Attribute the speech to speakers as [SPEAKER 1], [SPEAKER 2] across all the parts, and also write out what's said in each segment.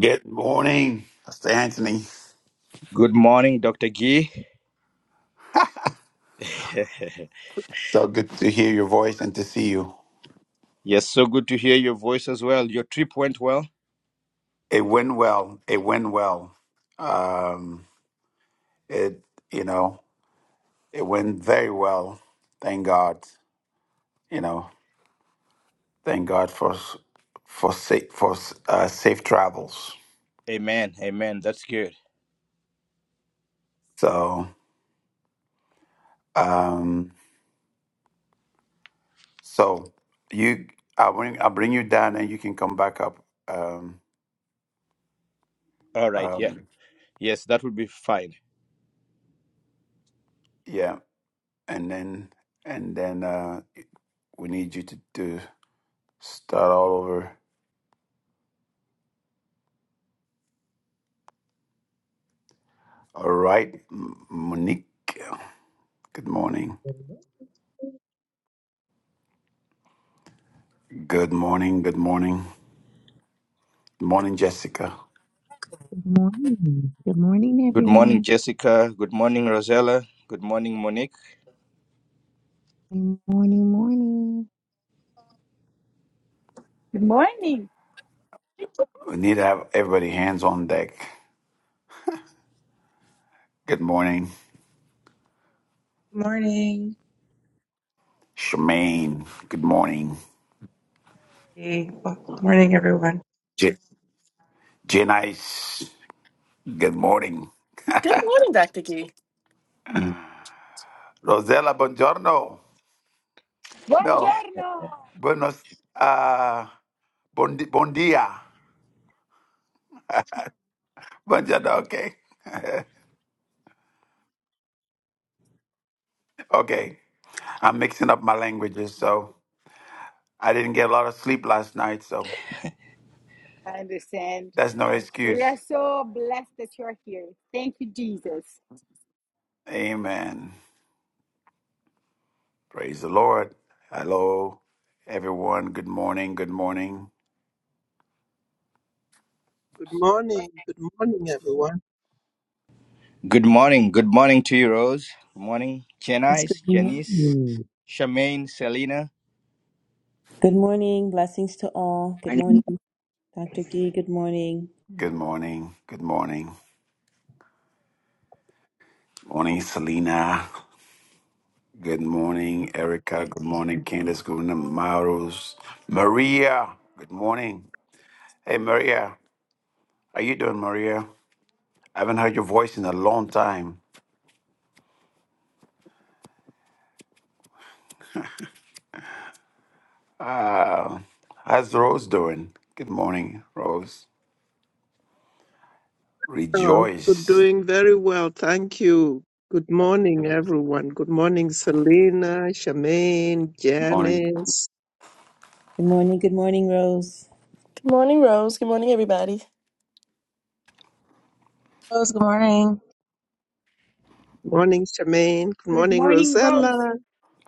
[SPEAKER 1] Good morning, Pastor Anthony.
[SPEAKER 2] Good morning, Dr. Gee.
[SPEAKER 1] So good to hear your voice and to see you.
[SPEAKER 2] Yes, so good to hear your voice as well. Your trip went well?
[SPEAKER 1] It went well. It went well. Um, it you know it went very well. Thank God. You know, thank God for for safe for uh, safe travels.
[SPEAKER 2] Amen. Amen. That's good.
[SPEAKER 1] So um, so you I bring I bring you down and you can come back up. Um,
[SPEAKER 2] All right. Yeah.
[SPEAKER 1] um,
[SPEAKER 2] Yes, that would be fine.
[SPEAKER 1] yeah, and then and then uh, we need you to do. Start all over. All right, M- Monique. Good morning.
[SPEAKER 3] Good
[SPEAKER 1] Good morning. Good morning. Good morning, Jessica.
[SPEAKER 4] Good morning. Good morning,
[SPEAKER 2] Good morning,
[SPEAKER 4] everyone.
[SPEAKER 2] Jessica. Good morning, Rosella. Good morning, Monique.
[SPEAKER 4] Good morning, morning.
[SPEAKER 5] Good morning.
[SPEAKER 1] We need to have everybody hands on deck. Good morning,
[SPEAKER 6] Morning.
[SPEAKER 1] Shemaine. Good morning,
[SPEAKER 6] Hey, well, good morning, everyone.
[SPEAKER 1] J- Janice. Good morning,
[SPEAKER 7] Good morning, Dr. Gee.
[SPEAKER 1] Rosella. Buongiorno. No,
[SPEAKER 5] Buongiorno.
[SPEAKER 1] buenos. Uh, bon, bon dia. Buongiorno. Okay. okay. I'm mixing up my languages, so I didn't get a lot of sleep last night, so
[SPEAKER 5] I understand.
[SPEAKER 1] that's no
[SPEAKER 5] We are
[SPEAKER 1] excuse.
[SPEAKER 5] so blessed that you are here. Thank you, Jesus.
[SPEAKER 1] Amen. Praise the Lord. Hello, everyone. Good morning. Good morning.
[SPEAKER 8] Good morning.
[SPEAKER 7] Good
[SPEAKER 8] Good morning, everyone.
[SPEAKER 2] Good morning. Good morning to you, Rose. Good morning,
[SPEAKER 4] It's good
[SPEAKER 2] Janice, Janice,
[SPEAKER 4] morning.
[SPEAKER 2] Charmaine, Selena.
[SPEAKER 9] Good morning. Blessings to all. Good
[SPEAKER 6] Morning.
[SPEAKER 9] morning, Dr. Gee. Good morning.
[SPEAKER 1] Good morning. Good morning. Morning, Selena. Good morning, Erica. Good morning, Candace. Good morning, Maros. Maria. Good morning. Hey, Maria. How you doing, Maria? I haven't heard your voice in a long time. Uh, how's Rose doing? Good morning, Rose.
[SPEAKER 8] Oh, good
[SPEAKER 1] Rejoice.
[SPEAKER 8] doing very well. Thank you. Good morning, everyone. Good morning, Selena, Charmaine,
[SPEAKER 1] Morning.
[SPEAKER 8] Janice.
[SPEAKER 9] Good morning. Good morning, Rose.
[SPEAKER 7] morning, Rose. Good morning, everybody.
[SPEAKER 6] Rose. Good morning.
[SPEAKER 8] Morning, Charmaine. Good
[SPEAKER 5] Good
[SPEAKER 8] morning,
[SPEAKER 5] morning, Rose.
[SPEAKER 8] Rosella.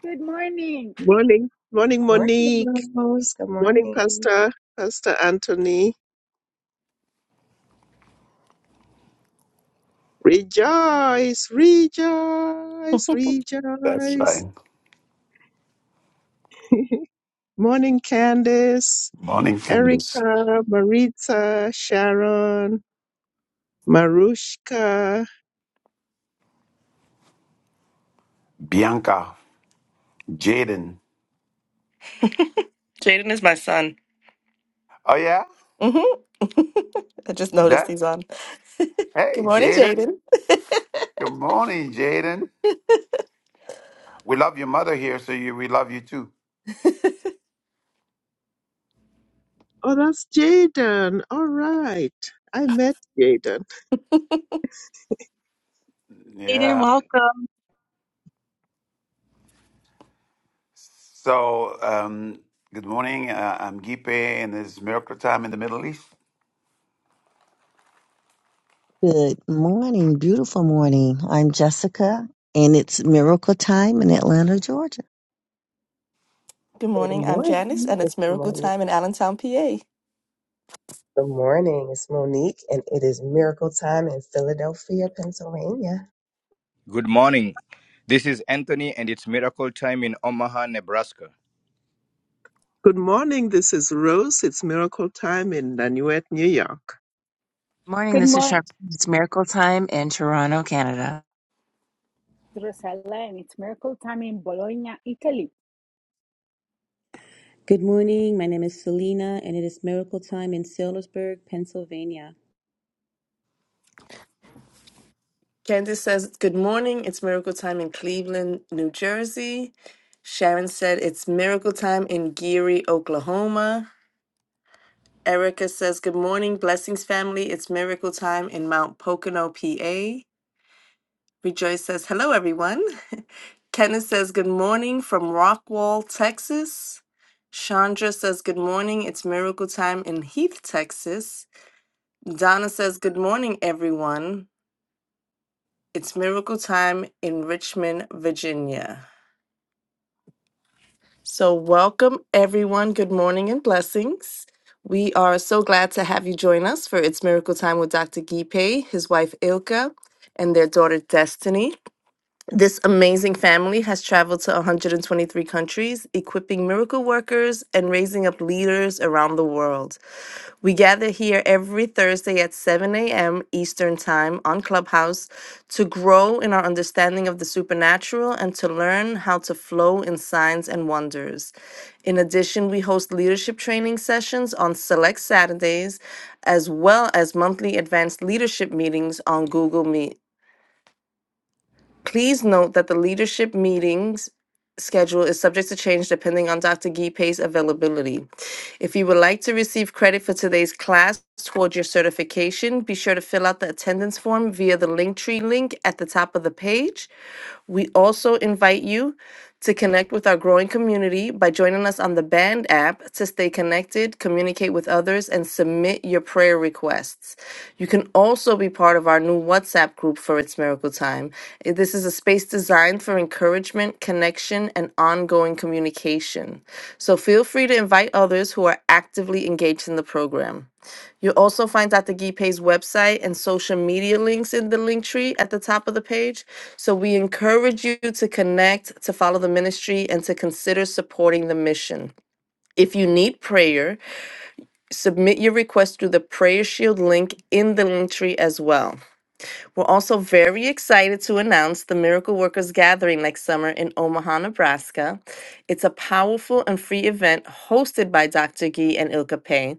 [SPEAKER 5] Good morning.
[SPEAKER 8] Morning. Morning, Monique.
[SPEAKER 3] morning, Rose. Good
[SPEAKER 8] Morning,
[SPEAKER 3] morning.
[SPEAKER 8] Pastor. Pastor Anthony. Rejoice, rejoice,
[SPEAKER 1] That's right.
[SPEAKER 8] rejoice. Morning, Candace,
[SPEAKER 1] Morning, Candace.
[SPEAKER 8] Erica, Maritza, Sharon, Marushka,
[SPEAKER 1] Bianca, Jaden.
[SPEAKER 7] Jaden is my son.
[SPEAKER 1] Oh yeah,
[SPEAKER 7] hmm I just noticed
[SPEAKER 1] that.
[SPEAKER 7] he's on. Good
[SPEAKER 1] Hey,
[SPEAKER 7] morning,
[SPEAKER 1] Jaden.
[SPEAKER 7] Jaden.
[SPEAKER 1] Good morning, Jaden. We love your mother here, so you, we love you too.
[SPEAKER 8] Oh, that's Jaden. All right. I met Jaden.
[SPEAKER 6] Aiden,
[SPEAKER 1] Yeah.
[SPEAKER 6] welcome.
[SPEAKER 1] So, um, good morning. Uh, I'm Gipe, and it's Miracle Time in the Middle East.
[SPEAKER 4] Good morning. Beautiful morning. I'm Jessica, and it's miracle time in Atlanta, Georgia.
[SPEAKER 7] Good
[SPEAKER 3] Good
[SPEAKER 7] morning. I'm Janice,
[SPEAKER 3] morning.
[SPEAKER 7] and it's
[SPEAKER 3] It's
[SPEAKER 7] Miracle
[SPEAKER 3] Monique.
[SPEAKER 7] Time in Allentown, PA.
[SPEAKER 3] Good morning. It's Monique, and it is miracle time in Philadelphia, Pennsylvania.
[SPEAKER 2] Good morning. This is Anthony, and it's miracle time in Omaha, Nebraska.
[SPEAKER 8] Good morning. This is Rose. It's miracle time in Nanuet, New York.
[SPEAKER 6] Morning.
[SPEAKER 5] Good
[SPEAKER 6] This is
[SPEAKER 5] morning,
[SPEAKER 6] Sharp. It's Miracle Time in Toronto, Canada.
[SPEAKER 5] Rosella. And It's miracle time in Bologna, Italy.
[SPEAKER 9] Good morning. My name is Selena, and it is miracle time in Salisbury, Pennsylvania.
[SPEAKER 7] Candace says, Good morning. It's miracle time in Cleveland, New Jersey. Sharon said, It's miracle time in Geary, Oklahoma. Erica says, Good morning, blessings family. It's miracle time in Mount Pocono, PA. Rejoice says, Hello, everyone. Kenneth says, Good morning from Rockwall, Texas. Chandra says, Good morning. It's miracle time in Heath, Texas. Donna says, Good morning, everyone. It's miracle time in Richmond, Virginia. So, welcome, everyone. Good morning and blessings. We are so glad to have you join us for It's Miracle Time with Dr. Gipe, his wife Ilka, and their daughter Destiny. This amazing family has traveled to 123 countries, equipping miracle workers and raising up leaders around the world. We gather here every Thursday at 7 a.m. Eastern Time on Clubhouse to grow in our understanding of the supernatural and to learn how to flow in signs and wonders. In addition, we host leadership training sessions on select Saturdays, as well as monthly advanced leadership meetings on Google Meet. Please note that the leadership meetings schedule is subject to change depending on Dr. Gipe's availability. If you would like to receive credit for today's class toward your certification, be sure to fill out the attendance form via the Linktree link at the top of the page. We also invite you to connect with our growing community by joining us on the Band app to stay connected, communicate with others, and submit your prayer requests. You can also be part of our new WhatsApp group for It's Miracle Time. Eh, This is a space designed for encouragement, connection, and ongoing communication. So feel free to invite others who are actively engaged in the program. You'll also find Dr. Gipe's website and social media links in the link tree at the top of the page. So we encourage you to connect, to follow the ministry, and to consider supporting the mission. If you need prayer, submit your request through the Prayer Shield link in the link tree as well. We're also very excited to announce the Miracle Workers Gathering next summer in Omaha, Nebraska. It's a powerful and free event hosted by Dr. Gee and Ilka Pay.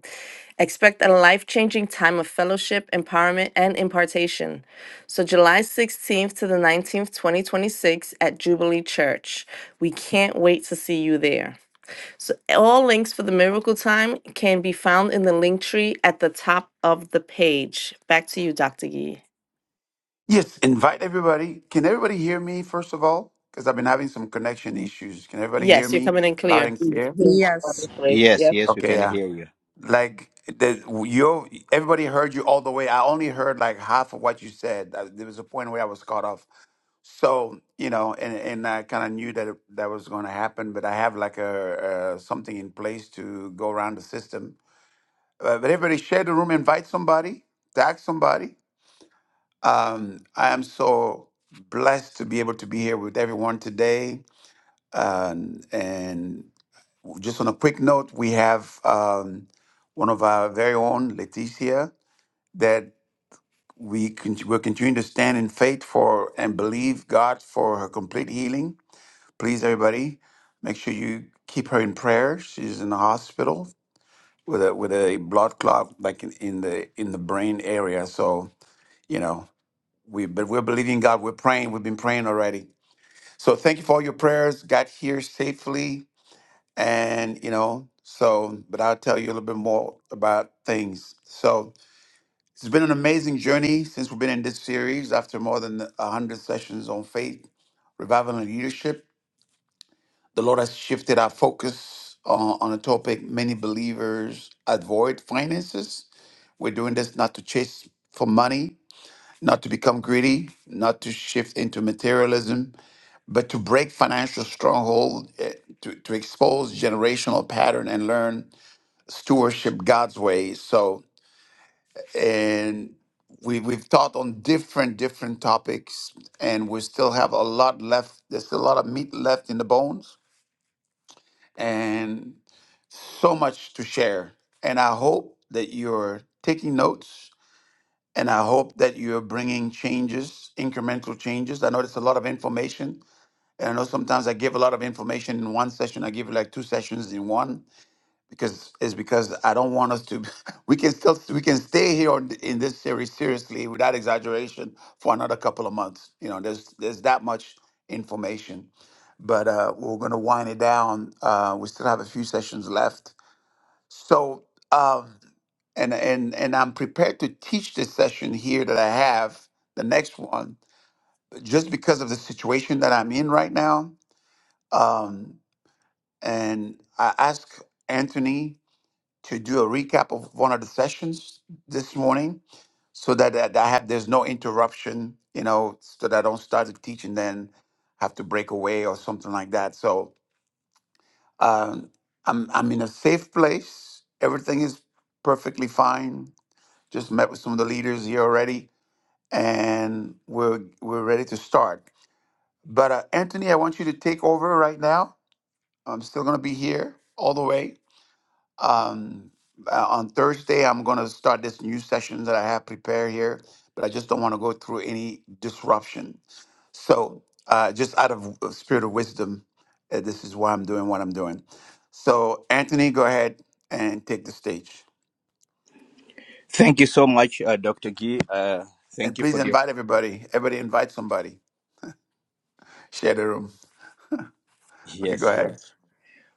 [SPEAKER 7] Expect a life changing time of fellowship, empowerment, and impartation. So, July 16th to the 19th, 2026, at Jubilee Church. We can't wait to see you there. So, all links for the Miracle Time can be found in the link tree at the top of the page. Back to you, Dr. Gee.
[SPEAKER 1] Yes, invite everybody. Can everybody hear me first of all? Because I've been having some connection issues. Can everybody hear
[SPEAKER 7] Yes, you're
[SPEAKER 1] me
[SPEAKER 7] coming in
[SPEAKER 1] loud
[SPEAKER 7] clear.
[SPEAKER 1] and clear?
[SPEAKER 3] Mhm.
[SPEAKER 10] Yes.
[SPEAKER 3] Wonderfully.
[SPEAKER 2] Yes,
[SPEAKER 3] Yep.
[SPEAKER 2] yes, we
[SPEAKER 1] Okay,
[SPEAKER 2] can
[SPEAKER 1] yeah.
[SPEAKER 2] hear you.
[SPEAKER 1] Like the you, everybody heard you all the way. I only heard like half of what you said. Uh, There was a point where I was caught off. so you know and and i kind of knew that it- that was going to happen but i have like a, uh something in place to go around the system uh, but everybody share the room invite somebody tag somebody um i am so blessed to be able to be here with everyone today um, and just on a quick note we have um one of our very own leticia that we con- will continue to stand in faith for and believe god for her complete healing Please, everybody, make sure you keep her in prayer. She's in the hospital with a with a blood clot, like in, in the in the brain area. So you know, we but we're believing God. We're praying. We've been praying already. So thank you for all your prayers. Got here safely, and you know. So, but I'll tell you a little bit more about things. So it's been an amazing journey since we've been in this series. After more than a hundred sessions on faith, revival, and leadership. The Lord has shifted our focus uh, on a topic many believers avoid finances. We're doing this not to chase for money, not to become greedy, not to shift into materialism, but to break financial stronghold, eh, to, to expose generational pattern and learn stewardship God's way. So, and we, we've taught on different, different topics, and we still have a lot left. There's still a lot of meat left in the bones. And so much to share. And I hope that you're taking notes and I hope that you're bringing changes, incremental changes. I know there's a lot of information. And I know sometimes I give a lot of information in one session. I give like two sessions in one because it's because I don't want us to. We can still we can stay here on, in this series seriously without exaggeration for another couple of months. You know, there's there's that much information, but uh, we're going to wind it down. Uh, we still have a few sessions left, so, um, and and and I'm prepared to teach this session here that I have the next one, just because of the situation that I'm in right now. Um, and I asked Anthony to do a recap of one of the sessions this morning, so that, that I have there's no interruption, you know, so that I don't start to teach and then have to break away or something like that. So um, I'm I'm in a safe place. Everything is perfectly fine Just met with some of the leaders here already, and we're we're ready to start. But uh, Anthony, I want you to take over right now. I'm still going to be here all the way. Um, uh, on Thursday, I'm going to start this new session that I have prepared here, but I just don't want to go through any disruption. So, uh, just out of w- uh, spirit of wisdom, uh, this is why I'm doing what I'm doing. So, Anthony, go ahead and take the stage.
[SPEAKER 2] Thank you so much, uh, Dr. Gee. Uh,
[SPEAKER 1] And
[SPEAKER 2] thank you
[SPEAKER 1] please
[SPEAKER 2] for the.
[SPEAKER 1] invite everybody. Everybody invite somebody. Share the room. Okay, go
[SPEAKER 2] Yes, well.
[SPEAKER 1] ahead.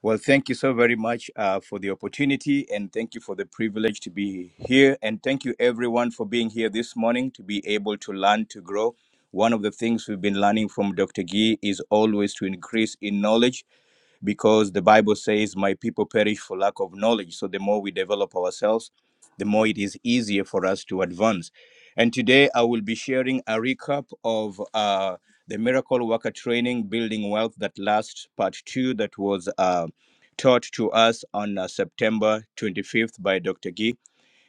[SPEAKER 2] Well, thank you so very much uh, for the opportunity and thank you for the privilege to be here. And thank you, everyone, for being here this morning to be able to learn to grow. One of the things we've been learning from Dr. Gee is always to increase in knowledge because the Bible says, My people perish for lack of knowledge. So the more we develop ourselves, the more it is easier for us to advance. And today I will be sharing a recap of uh, the Miracle Worker Training Building Wealth that last part two that was uh, taught to us on uh, September 25th by Dr. Gee.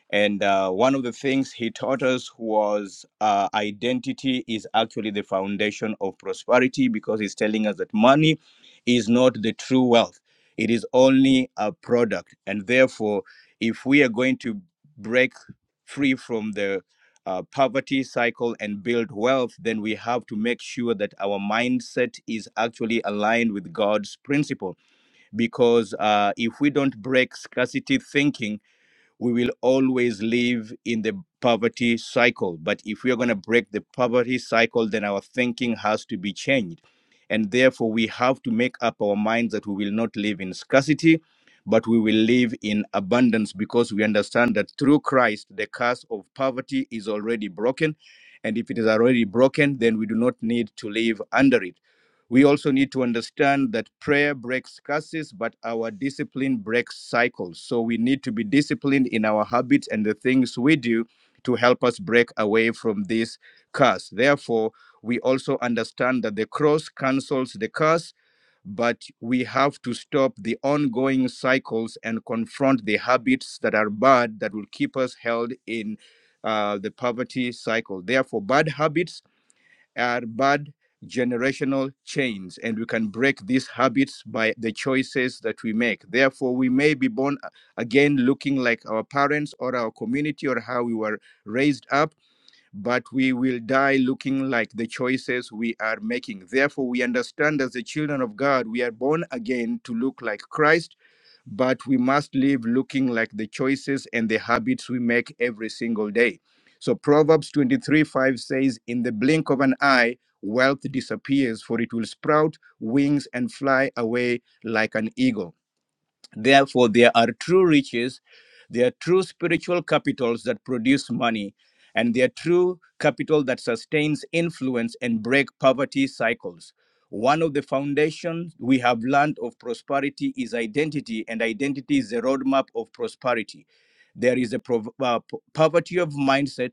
[SPEAKER 2] And uh, one of the things he taught us was uh, identity is actually the foundation of prosperity because he's telling us that money is not the true wealth, it is only a product. And therefore, if we are going to break free from the uh, poverty cycle and build wealth, then we have to make sure that our mindset is actually aligned with God's principle. Because uh, if we don't break scarcity thinking, we will always live in the poverty cycle. But if we are going to break the poverty cycle, then our thinking has to be changed. And therefore, we have to make up our minds that we will not live in scarcity, but we will live in abundance because we understand that through Christ, the curse of poverty is already broken. And if it is already broken, then we do not need to live under it. We also need to understand that prayer breaks curses, but our discipline breaks cycles. So we need to be disciplined in our habits and the things we do to help us break away from this curse. Therefore, we also understand that the cross cancels the curse, but we have to stop the ongoing cycles and confront the habits that are bad that will keep us held in uh, the poverty cycle. Therefore, bad habits are bad generational chains and we can break these habits by the choices that we make therefore we may be born uh, again looking like our parents or our community or how we were raised up but we will die looking like the choices we are making therefore we understand as the children of god we are born again to look like christ but we must live looking like the choices and the habits we make every single day. So Proverbs 23 5 says, In the blink of an eye, wealth disappears, for it will sprout wings and fly away like an eagle. Therefore, there are true riches, there are true spiritual capitals that produce money, and there are true capital that sustains influence and break poverty cycles. One of the foundations we have learned of prosperity is identity, and identity is the roadmap of prosperity. There is a prov- uh, p- poverty of mindset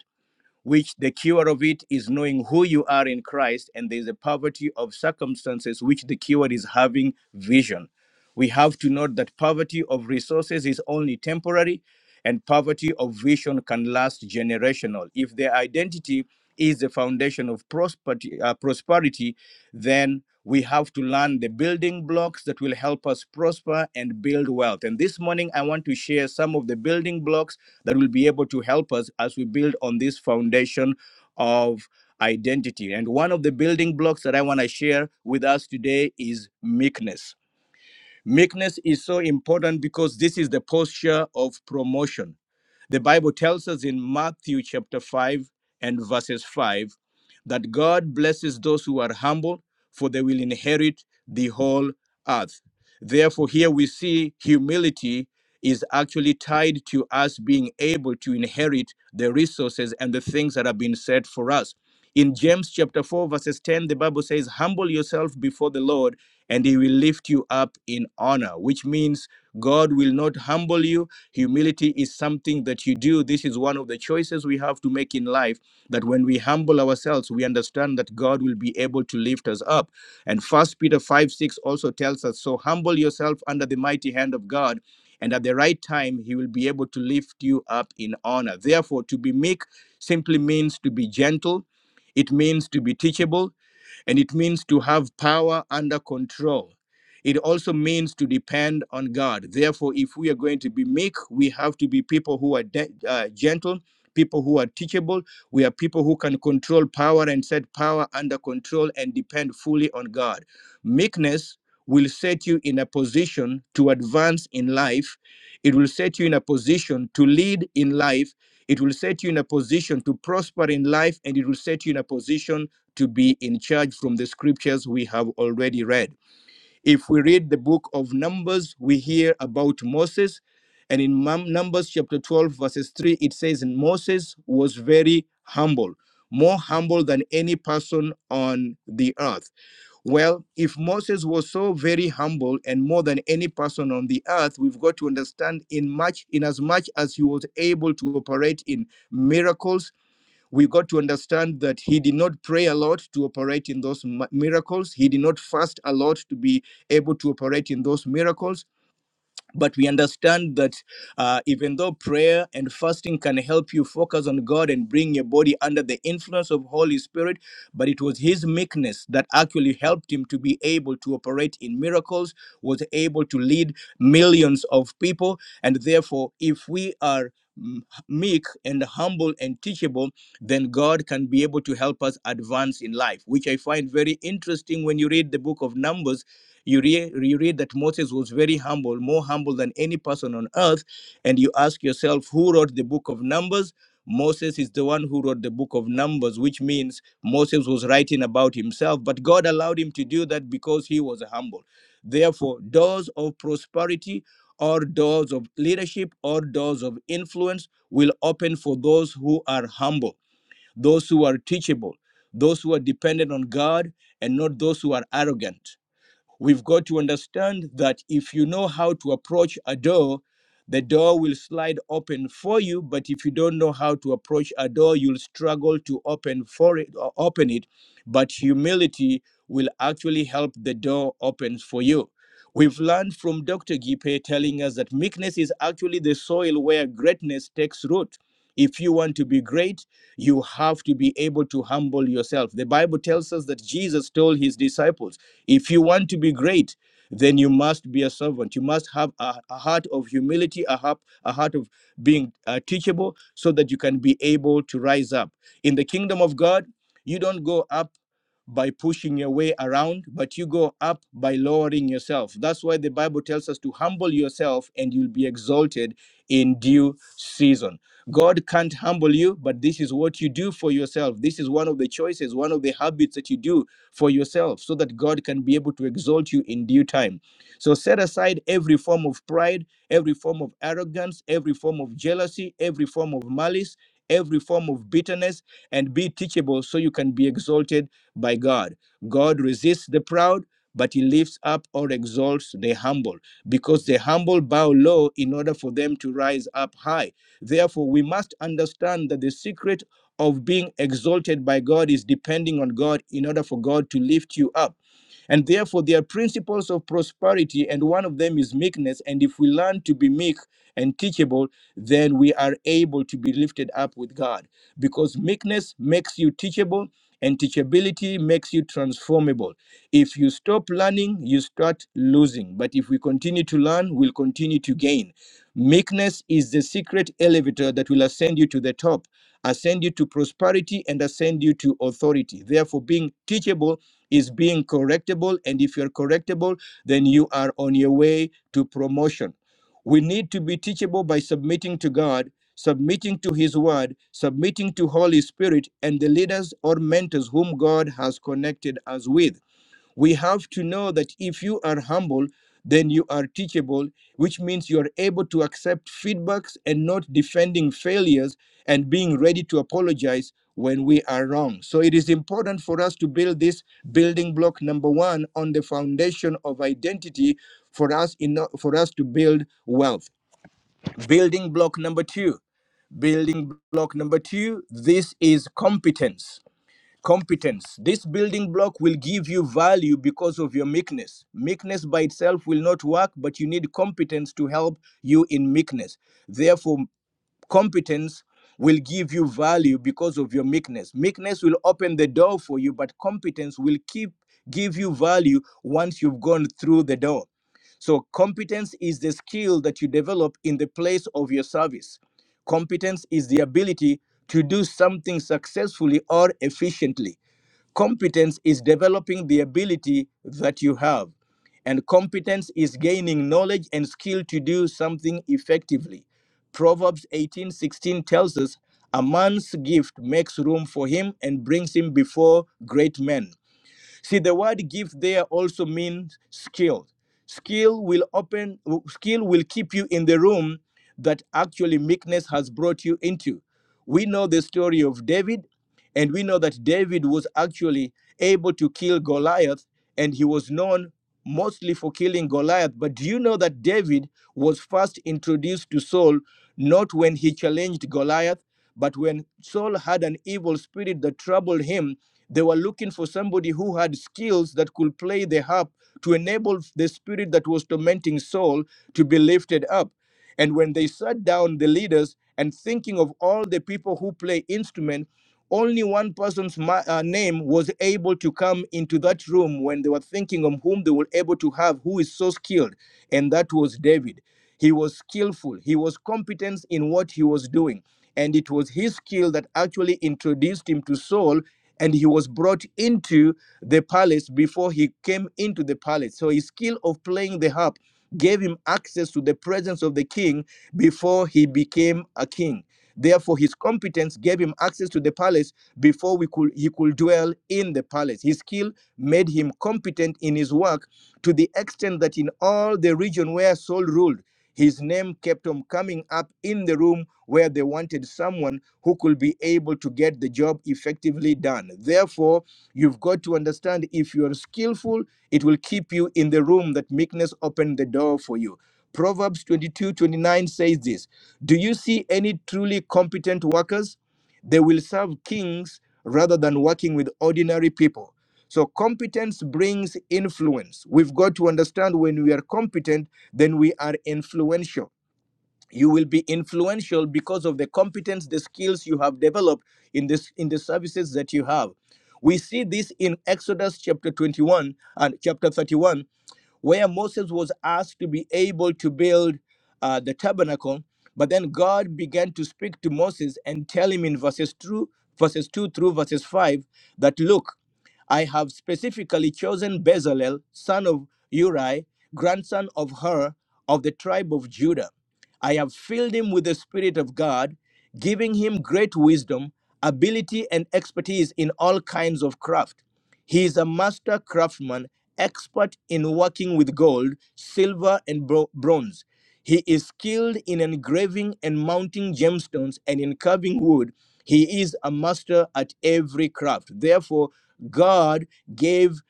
[SPEAKER 2] which the cure of it is knowing who you are in Christ, and there's a poverty of circumstances, which the cure is having vision. We have to note that poverty of resources is only temporary, and poverty of vision can last generational. If their identity is the foundation of prosperity, uh, prosperity, then we have to learn the building blocks that will help us prosper and build wealth. And this morning, I want to share some of the building blocks that will be able to help us as we build on this foundation of identity. And one of the building blocks that I want to share with us today is meekness. Meekness is so important because this is the posture of promotion the Bible tells us in Matthew chapter 5 and verses 5 that God blesses those who are humble, for they will inherit the whole earth. Therefore, here we see humility is actually tied to us being able to inherit the resources and the things that have been set for us. In James chapter 4, verses 10, the Bible says, Humble yourself before the Lord, and he will lift you up in honor, which means God will not humble you Humility is something that you do. This is one of the choices we have to make in life that when we humble ourselves, we understand that God will be able to lift us up. And First Peter 5 6 also tells us, So humble yourself under the mighty hand of God, and at the right time, he will be able to lift you up in honor. Therefore, to be meek simply means to be gentle, it means to be teachable and it means to have power under control. It also means to depend on God. Therefore, if we are going to be meek, we have to be people who are de- uh, gentle, people who are teachable. We are people who can control power and set power under control and depend fully on God. Meekness will set you in a position to advance in life. It will set you in a position to lead in life. It will set you in a position to prosper in life, and it will set you in a position to be in charge from the scriptures we have already read. If we read the book of Numbers, we hear about Moses. And in Numbers chapter 12, verses 3, it says, Moses was very humble, more humble than any person on the earth. Well, if Moses was so very humble and more than any person on the earth, we've got to understand in much, in as much as he was able to operate in miracles we got to understand that he did not pray a lot to operate in those miracles. He did not fast a lot to be able to operate in those miracles but we understand that uh, even though prayer and fasting can help you focus on god and bring your body under the influence of holy spirit but it was his meekness that actually helped him to be able to operate in miracles was able to lead millions of people and therefore if we are mm, meek and humble and teachable then god can be able to help us advance in life which i find very interesting when you read the book of numbers you, re- you read that Moses was very humble, more humble than any person on earth. And you ask yourself, who wrote the book of Numbers? Moses is the one who wrote the book of Numbers, which means Moses was writing about himself, but God allowed him to do that because he was humble. Therefore, doors of prosperity or doors of leadership or doors of influence will open for those who are humble, those who are teachable, those who are dependent on God, and not those who are arrogant. We've got to understand that if you know how to approach a door, the door will slide open for you. But if you don't know how to approach a door, you'll struggle to open for it or open it. But humility will actually help the door opens for you. We've learned from Dr. Gipe telling us that meekness is actually the soil where greatness takes root. If you want to be great, you have to be able to humble yourself. The Bible tells us that Jesus told his disciples, if you want to be great, then you must be a servant. You must have a, a heart of humility, a heart, a heart of being uh, teachable, so that you can be able to rise up. In the kingdom of God, you don't go up by pushing your way around, but you go up by lowering yourself. That's why the Bible tells us to humble yourself and you'll be exalted in due season. God can't humble you, but this is what you do for yourself. This is one of the choices, one of the habits that you do for yourself so that God can be able to exalt you in due time. So set aside every form of pride, every form of arrogance, every form of jealousy, every form of malice, every form of bitterness, and be teachable so you can be exalted by God. God resists the proud, but he lifts up or exalts the humble, because the humble bow low in order for them to rise up high. Therefore, we must understand that the secret of being exalted by God is depending on God in order for God to lift you up and therefore, there are principles of prosperity, and one of them is meekness. And if we learn to be meek and teachable, then we are able to be lifted up with God because meekness makes you teachable. And teachability makes you transformable. If you stop learning, you start losing. But if we continue to learn, we'll continue to gain. Meekness is the secret elevator that will ascend you to the top, ascend you to prosperity, and ascend you to authority. Therefore, being teachable is being correctable. And if you're correctable, then you are on your way to promotion. We need to be teachable by submitting to God, submitting to His Word, submitting to Holy Spirit, and the leaders or mentors whom God has connected us with. We have to know that if you are humble, then you are teachable, which means you are able to accept feedbacks and not defending failures and being ready to apologize when we are wrong. So it is important for us to build this building block number 1 on the foundation of identity for us in, for us to build wealth. Building block number 2. Building block number 2, this is competence Competence. This building block will give you value because of your meekness. Meekness by itself will not work, but you need competence to help you in meekness. Therefore, competence will give you value because of your meekness. Meekness will open the door for you, but competence will keep give you value once you've gone through the door. So, competence is the skill that you develop in the place of your service. Competence is the ability to do something successfully or efficiently. Competence is developing the ability that you have, and competence is gaining knowledge and skill to do something effectively. Proverbs 18:16 tells us, "A man's gift makes room for him and brings him before great men." See, the word gift there also means skill. Skill will open, skill will keep you in the room that actually meekness has brought you into. We know the story of David, and we know that David was actually able to kill Goliath, and he was known mostly for killing Goliath. But do you know that David was first introduced to Saul not when he challenged Goliath, but when Saul had an evil spirit that troubled him? They were looking for somebody who had skills that could play the harp to enable the spirit that was tormenting Saul to be lifted up. And when they sat down, the leaders, and thinking of all the people who play instrument, only one person's ma- uh, name was able to come into that room when they were thinking of whom they were able to have who is so skilled, and that was David. He was skillful, he was competent in what he was doing, and it was his skill that actually introduced him to Saul and he was brought into the palace before he came into the palace. So his skill of playing the harp gave him access to the presence of the king before he became a king. Therefore, his competence gave him access to the palace before we could, he could dwell in the palace. His skill made him competent in his work to the extent that in all the region where Saul ruled, his name kept on coming up in the room where they wanted someone who could be able to get the job effectively done. Therefore, you've got to understand if you are skillful, it will keep you in the room that meekness opened the door for you. Proverbs 22:29 says this Do you see any truly competent workers? They will serve kings rather than working with ordinary people. So, competence brings influence. We've got to understand when we are competent, then we are influential you will be influential because of the competence the skills you have developed in this in the services that you have we see this in exodus chapter 21 and chapter 31 where moses was asked to be able to build uh, the tabernacle but then god began to speak to moses and tell him in verses 2 verses 2 through verses 5 that look I have specifically chosen Bezalel, son of Uri, grandson of Hur, of the tribe of Judah. I have filled him with the Spirit of God, giving him great wisdom, ability, and expertise in all kinds of craft. He is a master craftsman, expert in working with gold, silver, and bro- bronze. He is skilled in engraving and mounting gemstones and in carving wood. He is a master at every craft. Therefore, God gave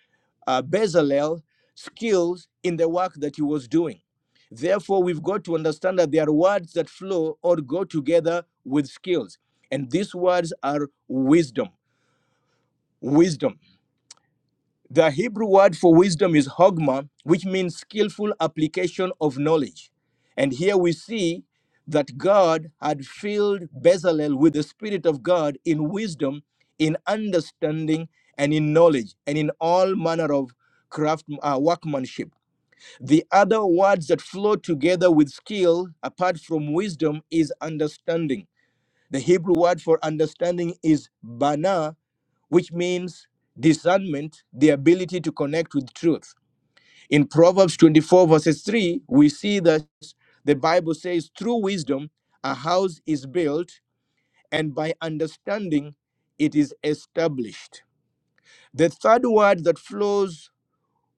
[SPEAKER 2] uh, Bezalel skills in the work that he was doing. Therefore, we've got to understand that there are words that flow or go together with skills. And these words are wisdom. Wisdom. The Hebrew word for wisdom is hogma, which means skillful application of knowledge. And here we see that God had filled Bezalel with the Spirit of God in wisdom, in understanding, and in knowledge, and in all manner of craft uh, workmanship. The other words that flow together with skill, apart from wisdom, is understanding. The Hebrew word for understanding is bana, which means discernment, the ability to connect with truth. In Proverbs 24, verses 3, we see that the Bible says, through wisdom, a house is built, and by understanding, it is established. The third word that flows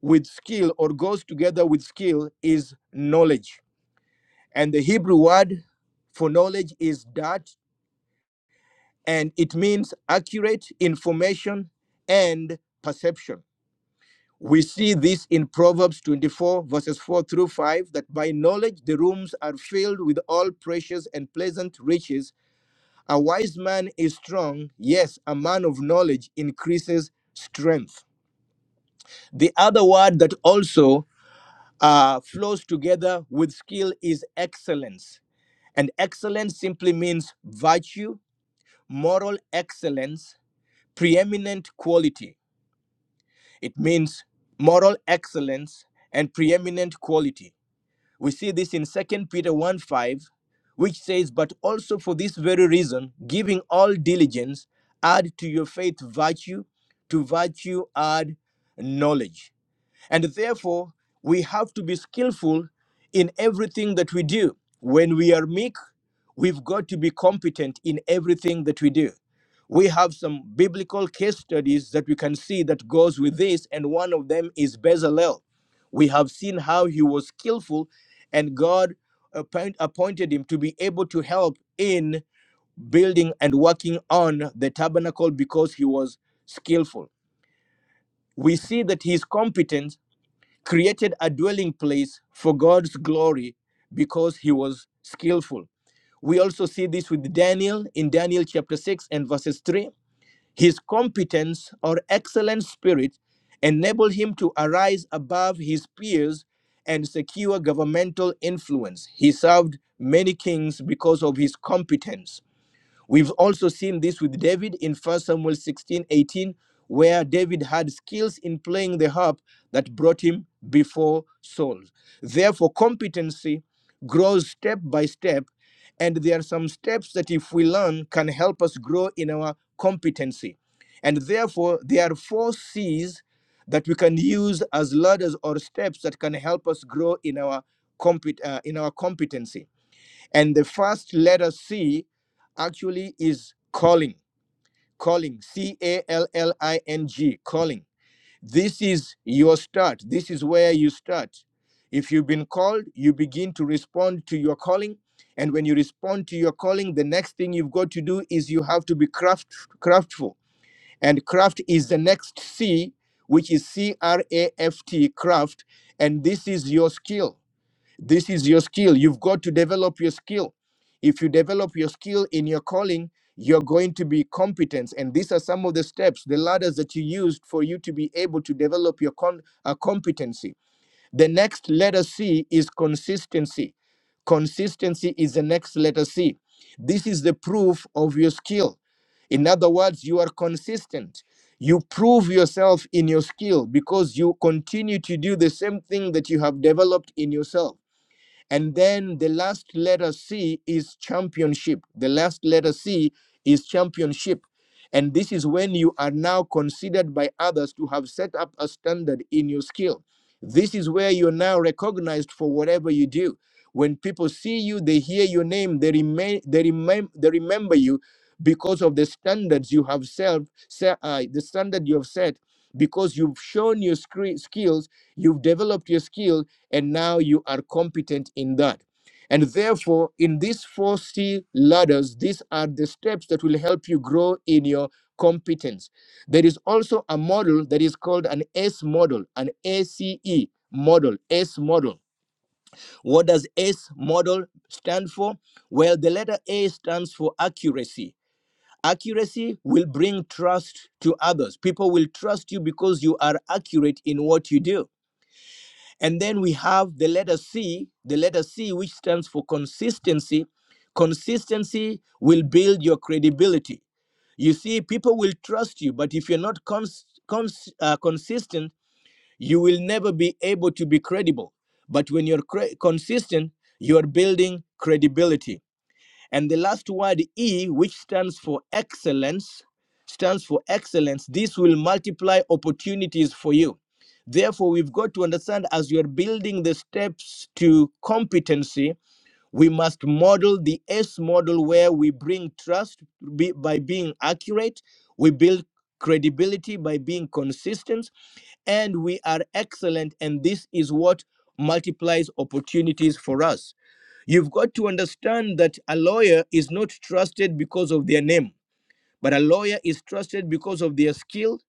[SPEAKER 2] with skill or goes together with skill is knowledge. And the Hebrew word for knowledge is dat, and it means accurate information and perception We see this in Proverbs 24, verses 4 through 5, that by knowledge the rooms are filled with all precious and pleasant riches. A wise man is strong. Yes, a man of knowledge increases strength. The other word that also uh, flows together with skill is excellence. And excellence simply means virtue, moral excellence, preeminent quality. It means moral excellence and preeminent quality. We see this in Second Peter 1 5, which says, But also for this very reason, giving all diligence, add to your faith virtue, to virtue add knowledge. And therefore, we have to be skillful in everything that we do. When we are meek, We've got to be competent in everything that we do. We have some biblical case studies that we can see that goes with this, and one of them is Bezalel. We have seen how he was skillful, and God appoint, appointed him to be able to help in building and working on the tabernacle because he was skillful. We see that his competence created a dwelling place for God's glory because he was skillful we also see this with Daniel in Daniel chapter 6 and verses 3. His competence or excellent spirit enabled him to arise above his peers and secure governmental influence. He served many kings because of his competence. We've also seen this with David in First Samuel 16 18, where David had skills in playing the harp that brought him before Saul. Therefore, competency grows step by step, and there are some steps that, if we learn, can help us grow in our competency. And therefore, there are four C's that we can use as ladders or steps that can help us grow in our compet- uh, in our competency and the first letter C actually is calling, calling, C A L L I N G, calling. This is your start. This is where you start. If you've been called, you begin to respond to your calling. And when you respond to your calling, the next thing you've got to do is you have to be craft, craftful. And craft is the next C, which is C R A F T, craft. And this is your skill this is your skill. You've got to develop your skill. If you develop your skill in your calling, you're going to be competent. And these are some of the steps, the ladders that you used for you to be able to develop your con- uh, competency. The next letter C is consistency. Consistency is the next letter C. This is the proof of your skill. In other words, you are consistent. You prove yourself in your skill because you continue to do the same thing that you have developed in yourself and then the last letter C is championship. The last letter C is championship. And this is when you are now considered by others to have set up a standard in your skill. This is where you're now recognized for whatever you do. When people see you, they hear your name, they, remain, they, remem- they remember you because of the standards you have set, se- uh, the standard you have set, because you've shown your scre- skills, you've developed your skills and now you are competent in that. And therefore, in these four C ladders, these are the steps that will help you grow in your competence. There is also a model that is called an S model, an ACE model, S model. What does S model stand for? Well, the letter A stands for accuracy. Accuracy will bring trust to others. People will trust you because you are accurate in what you do and then we have the letter C, the letter C, which stands for consistency. Consistency will build your credibility. You see, people will trust you, but if you're not cons- cons- uh, consistent, you will never be able to be credible. But when you're cre- consistent, you're building credibility. And the last word, E, which stands for excellence, stands for excellence. This will multiply opportunities for you. Therefore, we've got to understand as you're building the steps to competency, we must model the S model where we bring trust be- by being accurate, we build credibility by being consistent, and we are excellent. And this is what multiplies opportunities for us. You've got to understand that a lawyer is not trusted because of their name, but a lawyer is trusted because of their skill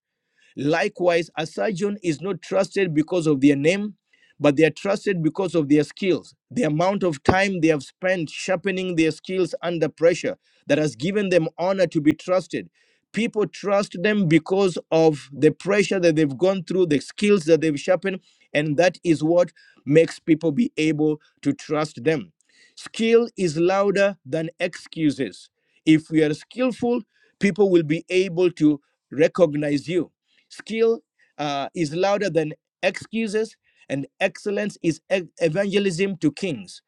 [SPEAKER 2] Likewise, a surgeon is not trusted because of their name, but they are trusted because of their skills. The amount of time they have spent sharpening their skills under pressure that has given them honor to be trusted. People trust them because of the pressure that they've gone through, the skills that they've sharpened, and that is what makes people be able to trust them. Skill is louder than excuses. If you are skillful, people will be able to recognize you Skill uh, is louder than excuses, and excellence is ev- evangelism to kings.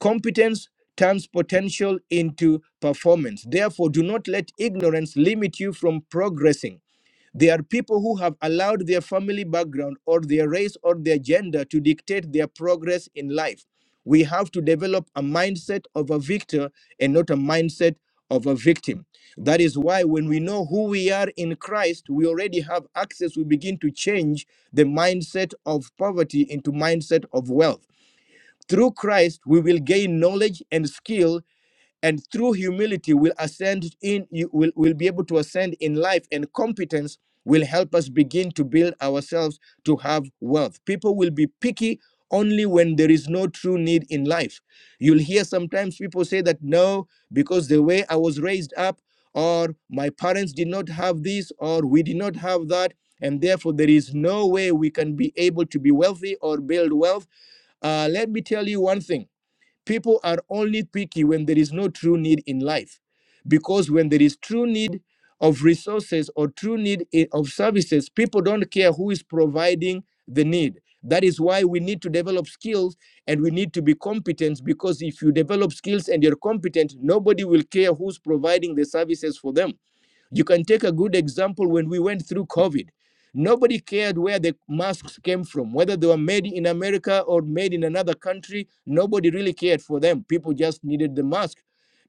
[SPEAKER 2] Competence turns potential into performance. Therefore, do not let ignorance limit you from progressing. They are people who have allowed their family background or their race or their gender to dictate their progress in life. We have to develop a mindset of a victor and not a mindset of a victim. That is why, when we know who we are in Christ, we already have access. We begin to change the mindset of poverty into mindset of wealth. Through Christ, we will gain knowledge and skill and through humility will ascend in you will, will be able to ascend in life and competence will help us begin to build ourselves to have wealth people will be picky only when there is no true need in life you'll hear sometimes people say that no because the way i was raised up or my parents did not have this or we did not have that and therefore there is no way we can be able to be wealthy or build wealth uh, let me tell you one thing People are only picky when there is no true need in life. Because when there is true need of resources or true need i- of services, people don't care who is providing the need. That is why we need to develop skills and we need to be competent because if you develop skills and you're competent, nobody will care who's providing the services for them you can take a good example when we went through COVID. Nobody cared where the masks came from, whether they were made in America or made in another country. Nobody really cared for them. People just needed the mask.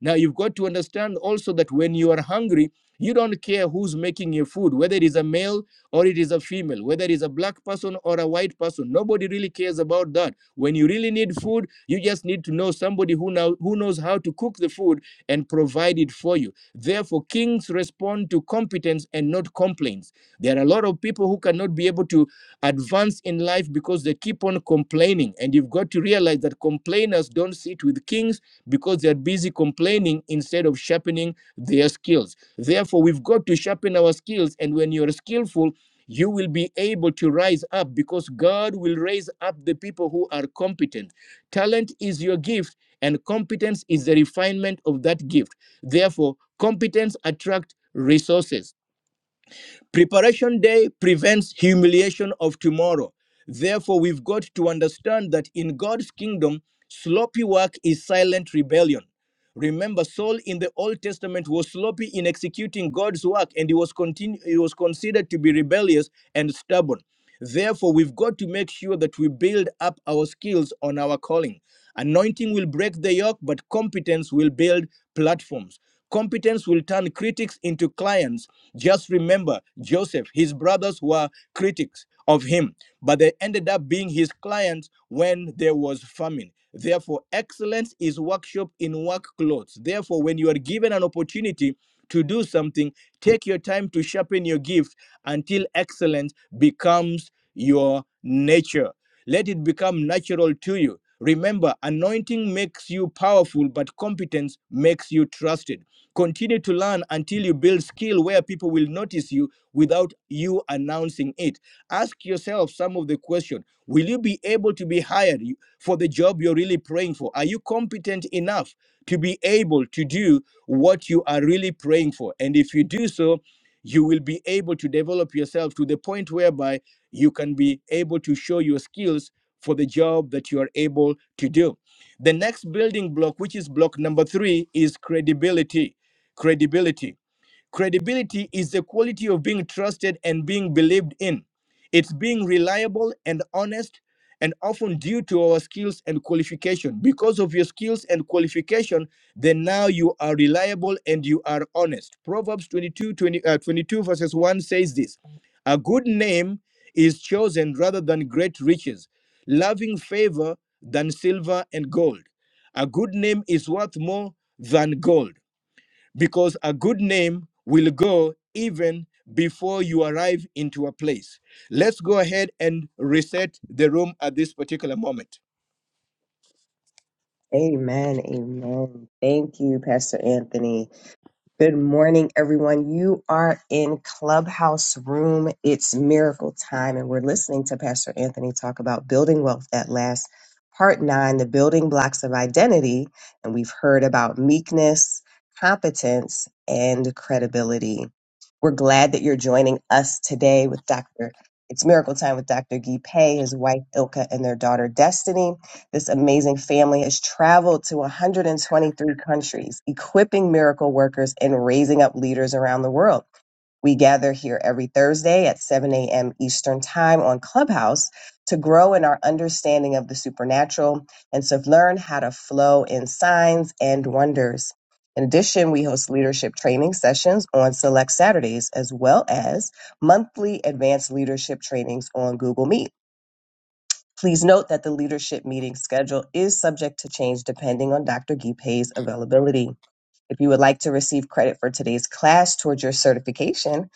[SPEAKER 2] Now, you've got to understand also that when you are hungry, you don't care who's making your food, whether it is a male or it is a female, whether it is a black person or a white person. Nobody really cares about that. When you really need food, you just need to know somebody who, now, who knows how to cook the food and provide it for you Therefore, kings respond to competence and not complaints. There are a lot of people who cannot be able to advance in life because they keep on complaining. And you've got to realize that complainers don't sit with kings, because they're busy complaining instead of sharpening their skills. Therefore, we've got to sharpen our skills. And when you're skillful, you will be able to rise up because God will raise up the people who are competent. Talent is your gift, and competence is the refinement of that gift. Therefore, competence attracts resources Preparation day prevents humiliation of tomorrow. Therefore, we've got to understand that in God's kingdom, sloppy work is silent rebellion. Remember, Saul in the Old Testament was sloppy in executing God's work, and he was continu- he was considered to be rebellious and stubborn. Therefore, we've got to make sure that we build up our skills on our calling. Anointing will break the yoke, but competence will build platforms. Competence will turn critics into clients. Just remember Joseph, his brothers were critics of him, but they ended up being his clients when there was famine. Therefore, excellence is workshop in work clothes. Therefore, when you are given an opportunity to do something, take your time to sharpen your gift until excellence becomes your nature. Let it become natural to you. Remember, anointing makes you powerful, but competence makes you trusted. Continue to learn until you build skill where people will notice you without you announcing it. Ask yourself some of the questions: Will you be able to be hired for the job you're really praying for? Are you competent enough to be able to do what you are really praying for? And if you do so, you will be able to develop yourself to the point whereby you can be able to show your skills for the job that you are able to do. The next building block, which is block number three, is credibility. Credibility Credibility is the quality of being trusted and being believed in. It's being reliable and honest and often due to our skills and qualification. Because of your skills and qualification, then now you are reliable and you are honest. Proverbs 22, twenty, uh, 22 verses 1 says this A good name is chosen rather than great riches, loving favor than silver and gold. A good name is worth more than gold because a good name will go even before you arrive into a place. Let's go ahead and reset the room at this particular moment.
[SPEAKER 3] Amen. Amen. Thank you, Pastor Anthony. Good morning, everyone. You are in Clubhouse Room. It's miracle time, and we're listening to Pastor Anthony talk about building wealth at last, part nine, the building blocks of identity. And we've heard about meekness, competence, and credibility. We're glad that you're joining us today with Dr. It's Miracle Time with Dr. Guy Pei, his wife Ilka, and their daughter Destiny. This amazing family has traveled to 123 countries, equipping miracle workers and raising up leaders around the world. We gather here every Thursday at 7 a.m. Eastern Time on Clubhouse to grow in our understanding of the supernatural and to learn how to flow in signs and wonders. In addition, we host leadership training sessions on select Saturdays, as well as monthly advanced leadership trainings on Google Meet. Please note that the leadership meeting schedule is subject to change depending on Dr. Gipe's availability. If you would like to receive credit for today's class towards your certification,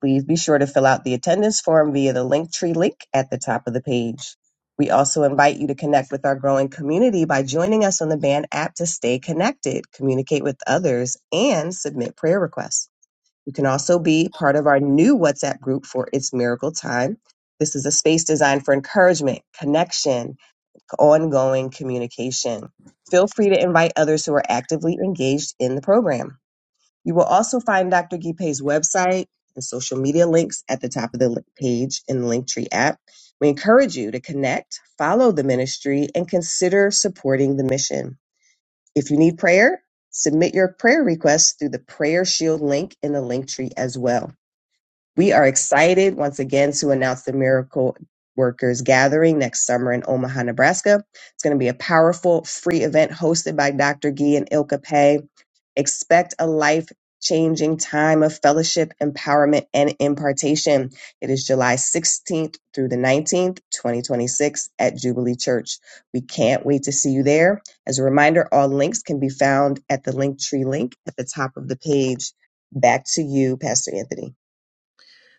[SPEAKER 3] please be sure to fill out the attendance form via the Linktree link at the top of the page. We also invite you to connect with our growing community by joining us on the Band app to stay connected, communicate with others, and submit prayer requests. You can also be part of our new WhatsApp group for It's Miracle Time. This is a space designed for encouragement, connection, ongoing communication. Feel free to invite others who are actively engaged in the program. You will also find Dr. Gipe's website and social media links at the top of the li- page in the Linktree app. We encourage you to connect, follow the ministry, and consider supporting the mission. If you need prayer, submit your prayer requests through the Prayer Shield link in the Linktree as well. We are excited once again to announce the Miracle Workers Gathering next summer in Omaha, Nebraska. It's going to be a powerful free event hosted by Dr. Gee and Ilka Pei. Expect a life changing time of fellowship, empowerment, and impartation. It is July 16th through the 19th, 2026 at Jubilee Church. We can't wait to see you there. As a reminder, all links can be found at the Linktree link at the top of the page. Back to you, Pastor Anthony.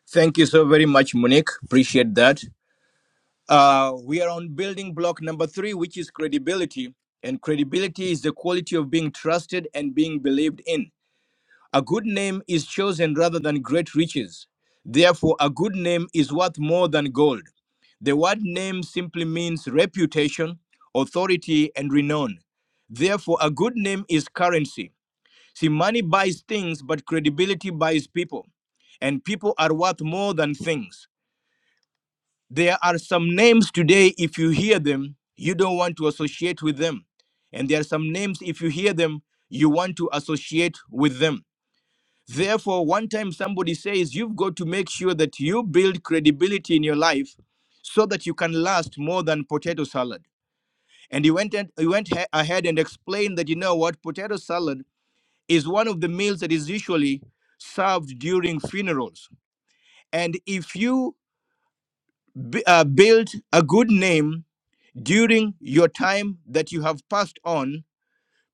[SPEAKER 2] Thank you so very much, Monique. Appreciate that. Uh, we are on building block number three, which is credibility. And credibility is the quality of being trusted and being believed in. A good name is chosen rather than great riches. Therefore, a good name is worth more than gold. The word name simply means reputation, authority, and renown. Therefore, a good name is currency. See, money buys things, but credibility buys people. And people are worth more than things. There are some names today, if you hear them, you don't want to associate with them. And there are some names, if you hear them, you want to associate with them. Therefore, one time somebody says, You've got to make sure that you build credibility in your life so that you can last more than potato salad. And he went, and, he went ha- ahead and explained that, you know what, potato salad is one of the meals that is usually served during funerals. And if you b- uh, build a good name during your time that you have passed on,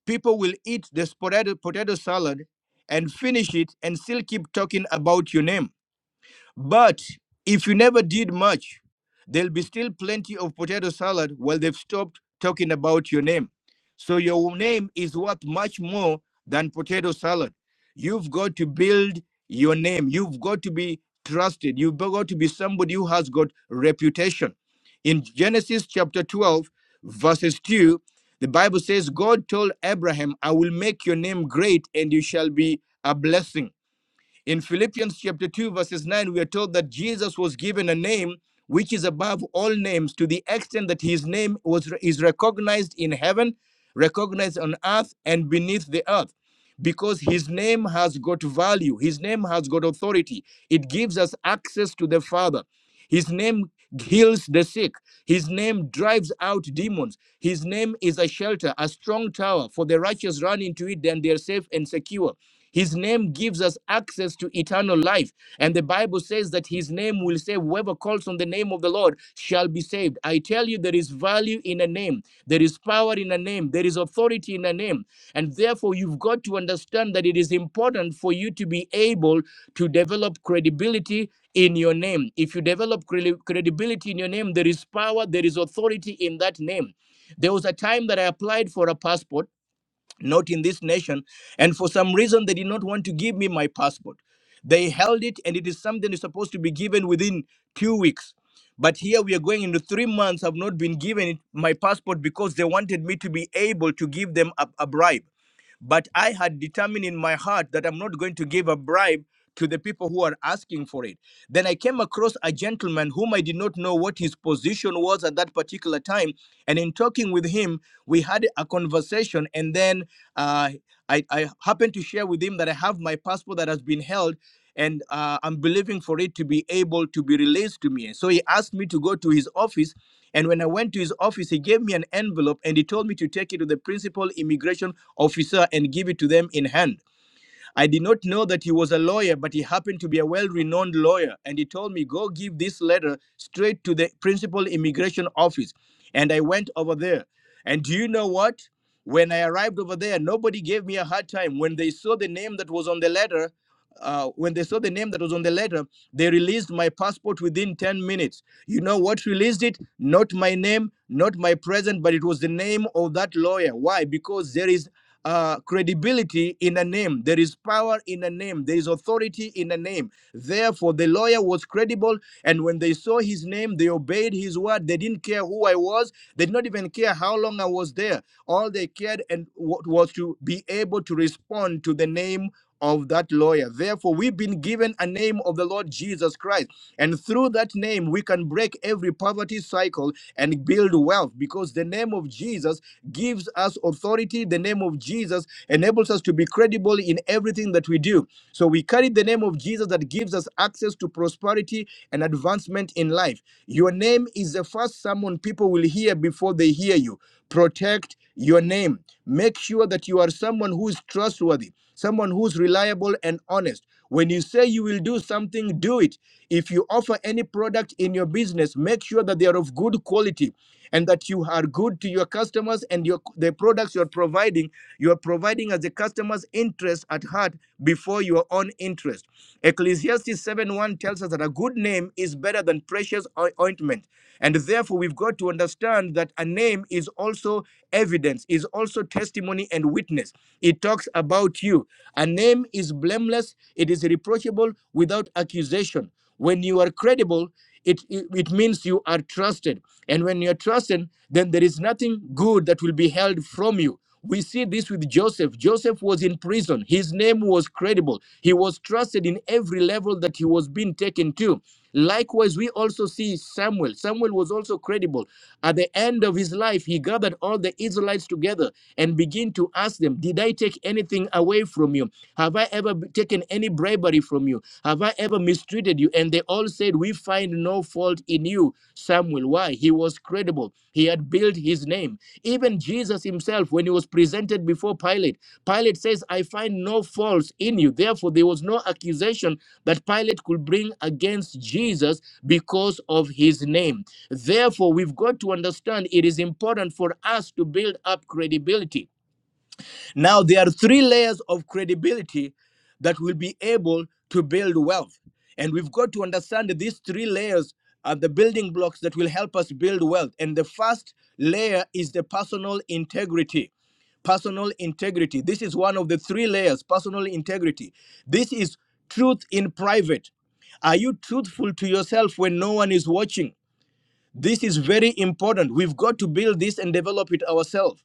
[SPEAKER 2] people will eat this potato, potato salad and finish it and still keep talking about your name But if you never did much, there'll be still plenty of potato salad while they've stopped talking about your name. So your name is worth much more than potato salad. You've got to build your name. You've got to be trusted. You've got to be somebody who has got reputation. In Genesis chapter 12, verses 2, the Bible says, God told Abraham, I will make your name great and you shall be a blessing. In Philippians chapter 2, verses 9, we are told that Jesus was given a name which is above all names to the extent that his name was is recognized in heaven, recognized on earth, and beneath the earth. Because his name has got value, his name has got authority. It gives us access to the Father. His name heals the sick. His name drives out demons. His name is a shelter, a strong tower for the righteous run into it, then they're safe and secure. His name gives us access to eternal life. And the Bible says that his name will save. Whoever calls on the name of the Lord shall be saved. I tell you, there is value in a name, there is power in a name, there is authority in a name. And therefore, you've got to understand that it is important for you to be able to develop credibility in your name. If you develop credi- credibility in your name, there is power, there is authority in that name. There was a time that I applied for a passport not in this nation. And for some reason, they did not want to give me my passport. They held it, and it is something is supposed to be given within two weeks. But here we are going into three months. I've not been given it, my passport because they wanted me to be able to give them a, a bribe. But I had determined in my heart that I'm not going to give a bribe to the people who are asking for it. Then I came across a gentleman whom I did not know what his position was at that particular time. And in talking with him, we had a conversation. And then uh, I, I happened to share with him that I have my passport that has been held and uh, I'm believing for it to be able to be released to me. So he asked me to go to his office. And when I went to his office, he gave me an envelope and he told me to take it to the principal immigration officer and give it to them in hand. I did not know that he was a lawyer, but he happened to be a well renowned lawyer. And he told me, Go give this letter straight to the principal immigration office. And I went over there. And do you know what? When I arrived over there, nobody gave me a hard time. When they saw the name that was on the letter, uh, when they saw the name that was on the letter, they released my passport within 10 minutes. You know what released it? Not my name, not my present, but it was the name of that lawyer. Why? Because there is uh, credibility in a name. There is power in a name. There is authority in a name. Therefore, the lawyer was credible. And when they saw his name, they obeyed his word. They didn't care who I was. They did not even care how long I was there. All they cared and was to be able to respond to the name of that lawyer. Therefore, we've been given a name of the Lord Jesus Christ. And through that name, we can break every poverty cycle and build wealth because the name of Jesus gives us authority, the name of Jesus enables us to be credible in everything that we do. So we carry the name of Jesus that gives us access to prosperity and advancement in life. Your name is the first someone people will hear before they hear you. Protect your name. Make sure that you are someone who is trustworthy, someone who's reliable and honest. When you say you will do something, do it. If you offer any product in your business, make sure that they are of good quality and that you are good to your customers and your the products you're providing you are providing as the customer's interest at heart before your own interest ecclesiastes seven one tells us that a good name is better than precious ointment and therefore we've got to understand that a name is also evidence is also testimony and witness it talks about you. A name is blameless, it is reproachable without accusation. When you are credible, it, it, it means you are trusted. And when you are trusted, then there is nothing good that will be held from you. We see this with Joseph. Joseph was in prison. His name was credible. He was trusted in every level that he was being taken to. Likewise, we also see Samuel. Samuel was also credible. At the end of his life, he gathered all the Israelites together and begin to ask them, Did I take anything away from you? Have I ever b- taken any bribery from you? Have I ever mistreated you? And they all said, We find no fault in you, Samuel. Why? He was credible. He had built his name. Even Jesus himself, when he was presented before Pilate, Pilate says, I find no fault in you. Therefore, there was no accusation that Pilate could bring against Jesus because of his name. Therefore, we've got to understand it is important for us to build up credibility. Now, there are three layers of credibility that will be able to build wealth. And we've got to understand that these three layers are the building blocks that will help us build wealth. And the first layer is the personal integrity personal integrity. This is one of the three layers personal integrity. This is truth in private. Are you truthful to yourself when no one is watching? This is very important. We've got to build this and develop it ourselves.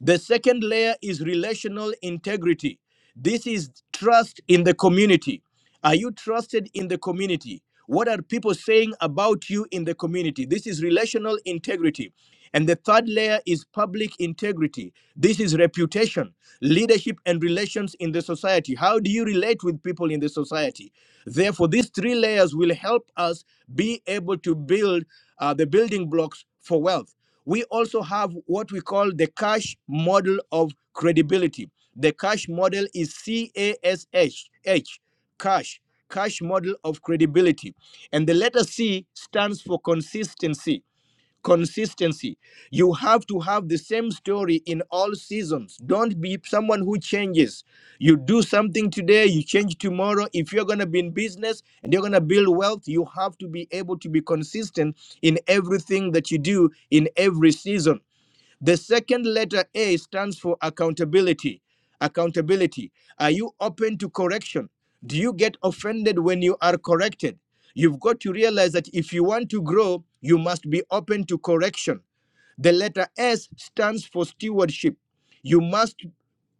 [SPEAKER 2] The second layer is relational integrity. This is trust in the community. Are you trusted in the community? What are people saying about you in the community? This is relational integrity. And the third layer is public integrity. This is reputation, leadership, and relations in the society. How do you relate with people in the society? Therefore, these three layers will help us be able to build uh, the building blocks for wealth. We also have what we call the cash model of credibility. The cash model is C A S H H, cash, cash model of credibility. And the letter C stands for consistency consistency you have to have the same story in all seasons don't be someone who changes you do something today you change tomorrow if you're going to be in business and you're going to build wealth you have to be able to be consistent in everything that you do in every season the second letter A stands for accountability. Accountability. Are you open to correction? Do you get offended when you are corrected? You've got to realize that if you want to grow, you must be open to correction. The letter S stands for stewardship. You must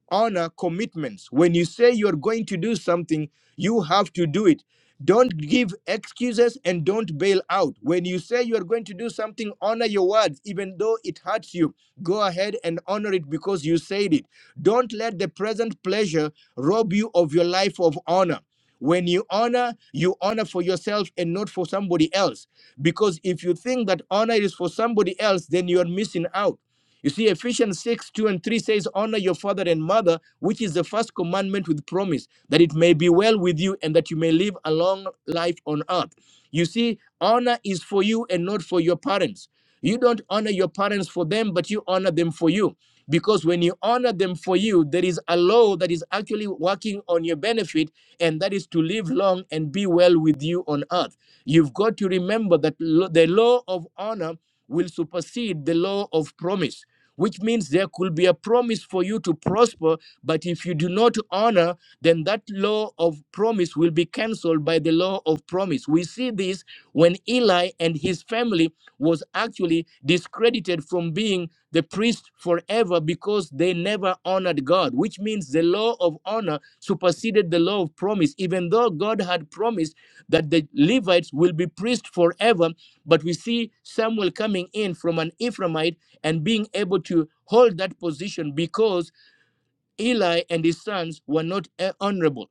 [SPEAKER 2] honor commitments. When you say you're going to do something, you have to do it. Don't give excuses and don't bail out. When you say you're going to do something, honor your words, even though it hurts you. Go ahead and honor it because you said it. Don't let the present pleasure rob you of your life of honor. When you honor, you honor for yourself and not for somebody else. Because if you think that honor is for somebody else, then you're missing out. You see, Ephesians 6 2 and 3 says, Honor your father and mother, which is the first commandment with promise, that it may be well with you and that you may live a long life on earth. You see, honor is for you and not for your parents. You don't honor your parents for them, but you honor them for you. Because when you honor them for you, there is a law that is actually working on your benefit, and that is to live long and be well with you on earth. You've got to remember that lo- the law of honor will supersede the law of promise which means there could be a promise for you to prosper, but if you do not honor, then that law of promise will be cancelled by the law of promise. We see this when Eli and his family was actually discredited from being the priest forever because they never honored God, which means the law of honor superseded the law of promise. Even though God had promised that the Levites will be priests forever. But we see Samuel coming in from an Ephraimite and being able to hold that position because Eli and his sons were not eh, honorable.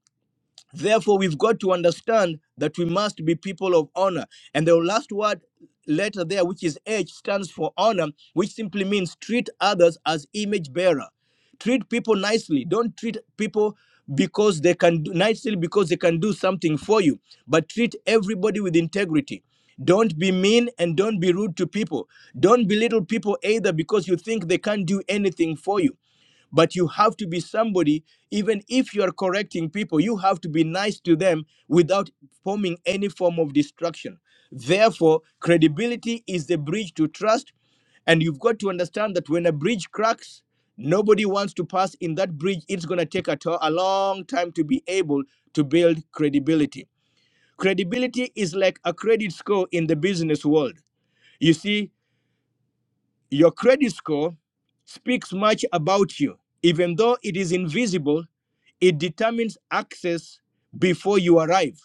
[SPEAKER 2] Therefore, we've got to understand that we must be people of honor. And the last word letter there, which is H, stands for honor, which simply means treat others as image bearer. Treat people nicely. Don't treat people because they can do nicely because they can do something for you, but treat everybody with integrity. Don't be mean and don't be rude to people. Don't belittle people either because you think they can't do anything for you. But you have to be somebody, even if you are correcting people, you have to be nice to them without forming any form of destruction. Therefore, credibility is the bridge to trust. And you've got to understand that when a bridge cracks, nobody wants to pass in that bridge. It's going to take a, to- a long time to be able to build credibility. Credibility is like a credit score in the business world. You see, your credit score speaks much about you. Even though it is invisible, it determines access before you arrive.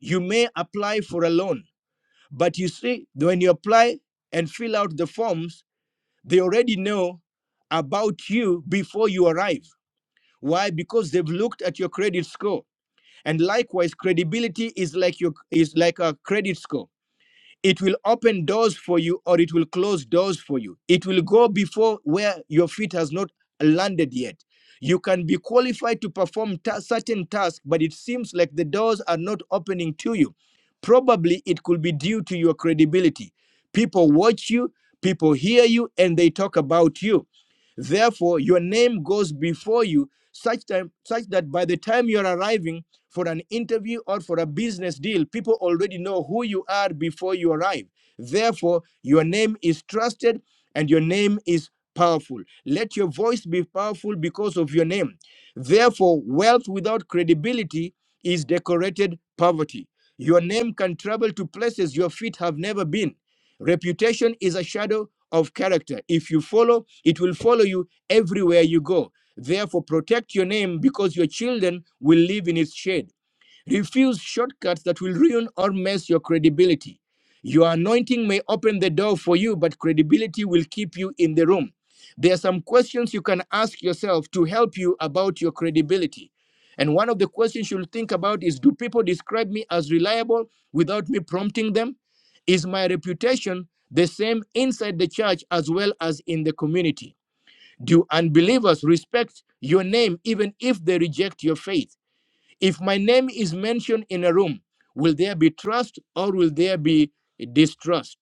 [SPEAKER 2] You may apply for a loan, but you see, when you apply and fill out the forms, they already know about you before you arrive. Why? Because they've looked at your credit score. And likewise, credibility is like your is like a credit score. It will open doors for you or it will close doors for you. It will go before where your feet has not landed yet. You can be qualified to perform ta- certain tasks, but it seems like the doors are not opening to you. Probably it could be due to your credibility. People watch you, people hear you, and they talk about you. Therefore, your name goes before you such time such that by the time you're arriving, for an interview or for a business deal, people already know who you are before you arrive. Therefore, your name is trusted and your name is powerful. Let your voice be powerful because of your name. Therefore, wealth without credibility is decorated poverty. Your name can travel to places your feet have never been. Reputation is a shadow of character. If you follow, it will follow you everywhere you go. Therefore, protect your name because your children will live in its shade. Refuse shortcuts that will ruin or mess your credibility. Your anointing may open the door for you, but credibility will keep you in the room. There are some questions you can ask yourself to help you about your credibility. And one of the questions you'll think about is Do people describe me as reliable without me prompting them? Is my reputation the same inside the church as well as in the community? Do unbelievers respect your name even if they reject your faith? If my name is mentioned in a room, will there be trust or will there be distrust?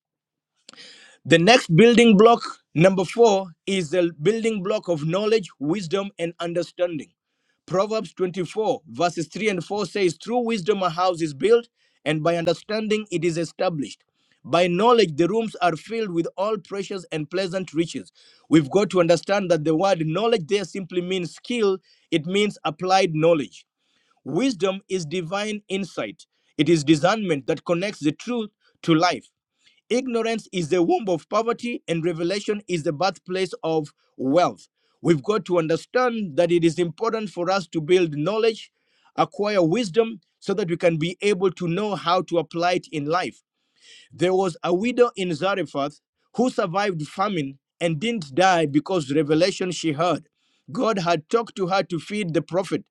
[SPEAKER 2] The next building block, number four, is the building block of knowledge, wisdom, and understanding. Proverbs 24, verses 3 and 4 says, Through wisdom a house is built, and by understanding it is established. By knowledge, the rooms are filled with all precious and pleasant riches. We've got to understand that the word knowledge there simply means skill, it means applied knowledge. Wisdom is divine insight, it is discernment that connects the truth to life. Ignorance is the womb of poverty, and revelation is the birthplace of wealth. We've got to understand that it is important for us to build knowledge, acquire wisdom, so that we can be able to know how to apply it in life. There was a widow in Zarephath who survived famine and didn't die because revelation she heard. God had talked to her to feed the prophet.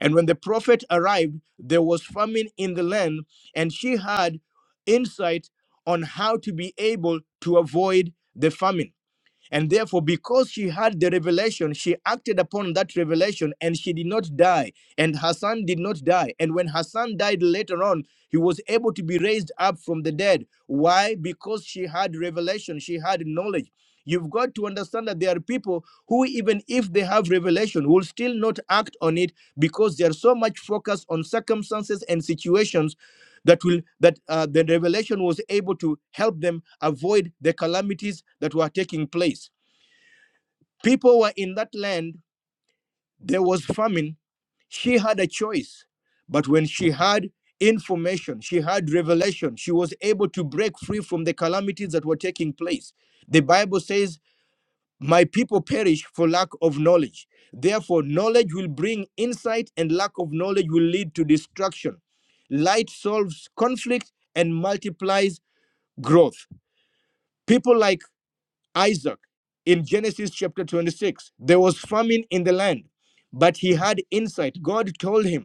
[SPEAKER 2] And when the prophet arrived, there was famine in the land, and she had insight on how to be able to avoid the famine. And therefore, because she had the revelation, she acted upon that revelation and she did not die. And her son did not die. And when her son died later on, he was able to be raised up from the dead. Why? Because she had revelation, she had knowledge. You've got to understand that there are people who, even if they have revelation, will still not act on it because they are so much focused on circumstances and situations that will that uh, the revelation was able to help them avoid the calamities that were taking place. People were in that land, there was famine. She had a choice. But when she had information, she had revelation, she was able to break free from the calamities that were taking place. The Bible says, My people perish for lack of knowledge. Therefore, knowledge will bring insight, and lack of knowledge will lead to destruction. Light solves conflict and multiplies growth. People like Isaac in Genesis chapter 26. There was famine in the land, but he had insight. God told him,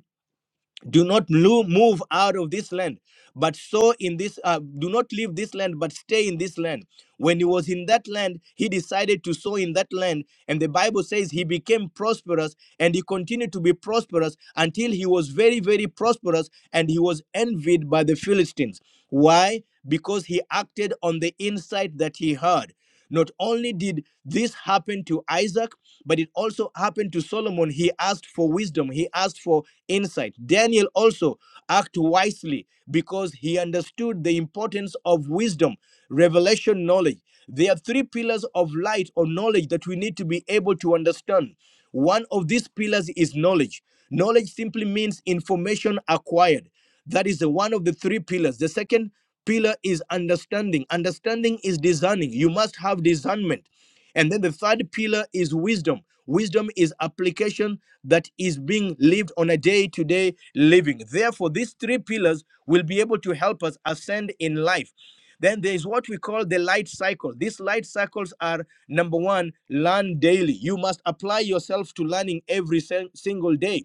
[SPEAKER 2] do not lo- move out of this land but sow in this uh, do not leave this land but stay in this land when he was in that land he decided to sow in that land and the bible says he became prosperous and he continued to be prosperous until he was very very prosperous and he was envied by the philistines why because he acted on the insight that he heard not only did this happen to isaac but it also happened to Solomon. He asked for wisdom, he asked for insight. Daniel also acted wisely because he understood the importance of wisdom, revelation, knowledge. There are three pillars of light or knowledge that we need to be able to understand. One of these pillars is knowledge. Knowledge simply means information acquired. That is the one of the three pillars. The second pillar is understanding. Understanding is discerning. You must have discernment. And then the third pillar is wisdom. Wisdom is application that is being lived on a day to day living. Therefore, these three pillars will be able to help us ascend in life. Then there is what we call the light cycle. These light cycles are number one, learn daily. You must apply yourself to learning every sin- single day.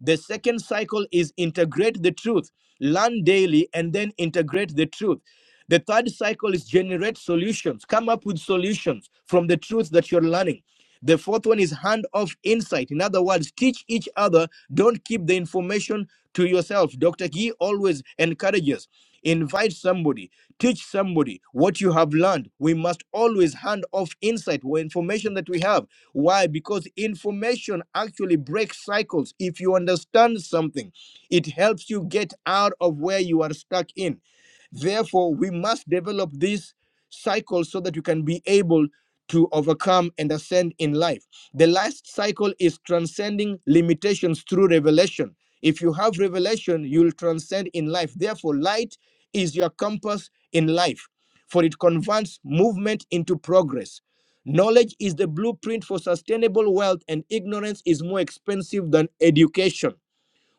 [SPEAKER 2] The second cycle is integrate the truth, learn daily, and then integrate the truth. The third cycle is generate solutions, come up with solutions from the truth that you're learning. The fourth one is hand off insight. In other words, teach each other. Don't keep the information to yourself. Dr. Gee always encourages. Invite somebody, teach somebody what you have learned. We must always hand off insight or information that we have. Why? Because information actually breaks cycles. If you understand something, it helps you get out of where you are stuck in. Therefore, we must develop this cycle so that you can be able to overcome and ascend in life. The last cycle is transcending limitations through revelation. If you have revelation, you'll transcend in life. Therefore, light is your compass in life, for it converts movement into progress. Knowledge is the blueprint for sustainable wealth, and ignorance is more expensive than education.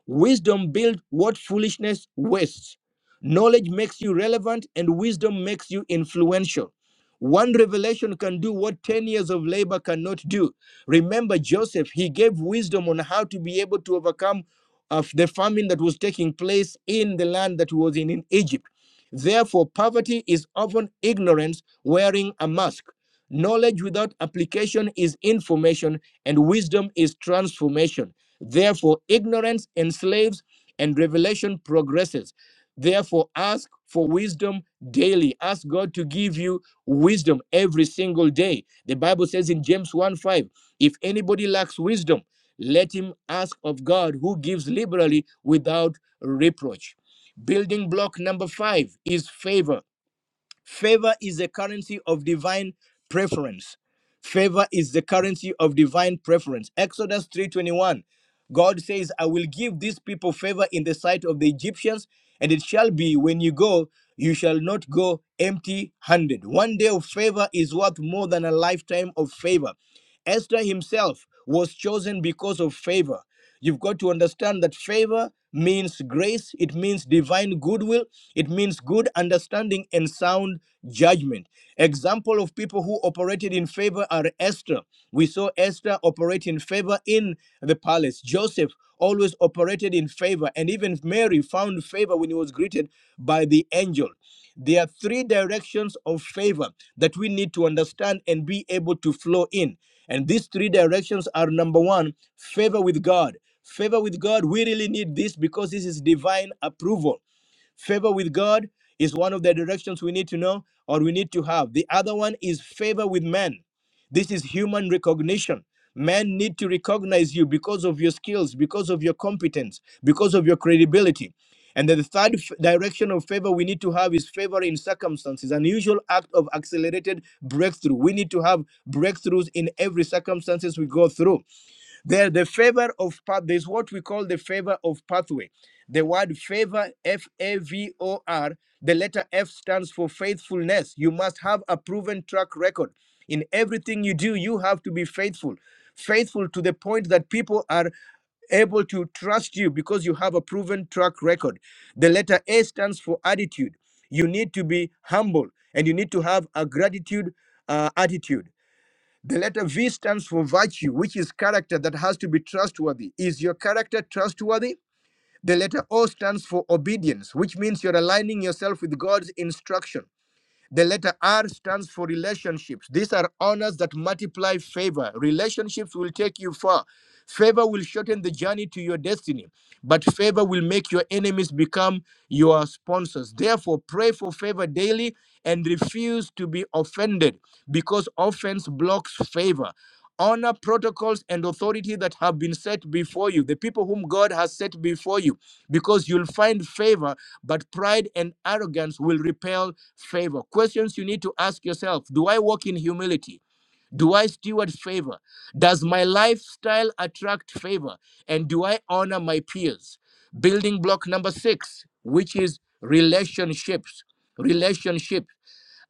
[SPEAKER 2] Wisdom builds what foolishness wastes. Knowledge makes you relevant, and wisdom makes you influential. One revelation can do what 10 years of labor cannot do. Remember Joseph, he gave wisdom on how to be able to overcome of the famine that was taking place in the land that was in, in Egypt. Therefore, poverty is often ignorance wearing a mask. Knowledge without application is information, and wisdom is transformation. Therefore, ignorance enslaves and revelation progresses. Therefore, ask for wisdom daily. Ask God to give you wisdom every single day. The Bible says in James 1 5, if anybody lacks wisdom, let him ask of God who gives liberally without reproach. Building block number five is favor. Favor is the currency of divine preference. Favor is the currency of divine preference. Exodus 3:21. God says, "I will give these people favor in the sight of the Egyptians, and it shall be when you go, you shall not go empty-handed." One day of favor is worth more than a lifetime of favor. Esther himself was chosen because of favor. You've got to understand that favor means grace, it means divine goodwill, it means good understanding and sound judgment. Example of people who operated in favor are Esther. We saw Esther operate in favor in the palace. Joseph always operated in favor, and even Mary found favor when he was greeted by the angel. There are three directions of favor that we need to understand and be able to flow in. And these three directions are number one, favor with God. Favor with God, we really need this because this is divine approval Favor with God is one of the directions we need to know or we need to have. The other one is favor with men. This is human recognition. Men need to recognize you because of your skills, because of your competence, because of your credibility. And then the third f- direction of favor we need to have is favor in circumstances, an unusual act of accelerated breakthrough. We need to have breakthroughs in every circumstances we go through. There, the favor of path, there's what we call the favor of pathway. The word favor, F A V O R, the letter F stands for faithfulness. You must have a proven track record. In everything you do, you have to be faithful. Faithful to the point that people are able to trust you because you have a proven track record. The letter A stands for attitude. You need to be humble and you need to have a gratitude uh, attitude. The letter V stands for virtue, which is character that has to be trustworthy. Is your character trustworthy? The letter O stands for obedience, which means you're aligning yourself with God's instruction. The letter R stands for relationships. These are honors that multiply favor. Relationships will take you far. Favor will shorten the journey to your destiny, but favor will make your enemies become your sponsors. Therefore, pray for favor daily and refuse to be offended because offense blocks favor. Honor protocols and authority that have been set before you, the people whom God has set before you because you'll find favor, but pride and arrogance will repel favor. Questions you need to ask yourself Do I walk in humility? Do I steward favor? Does my lifestyle attract favor? And do I honor my peers? Building block number six, which is relationships. Relationship.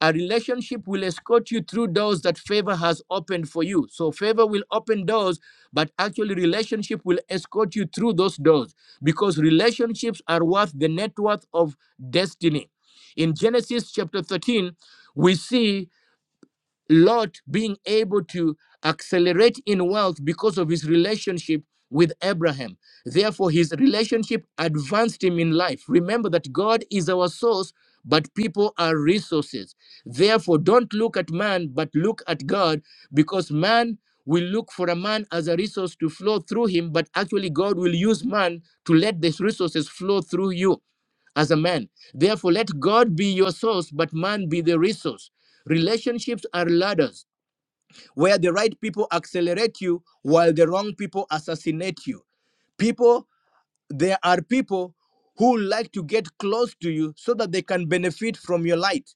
[SPEAKER 2] A relationship will escort you through doors that favor has opened for you. So favor will open doors, but actually relationship will escort you through those doors because relationships are worth the net worth of destiny. In Genesis chapter 13, we see Lot being able to accelerate in wealth because of his relationship with Abraham. Therefore, his relationship advanced him in life. Remember that God is our source, but people are resources. Therefore, don't look at man, but look at God, because man will look for a man as a resource to flow through him, but actually, God will use man to let these resources flow through you as a man. Therefore, let God be your source, but man be the resource. Relationships are ladders where the right people accelerate you while the wrong people assassinate you. People, there are people who like to get close to you so that they can benefit from your light.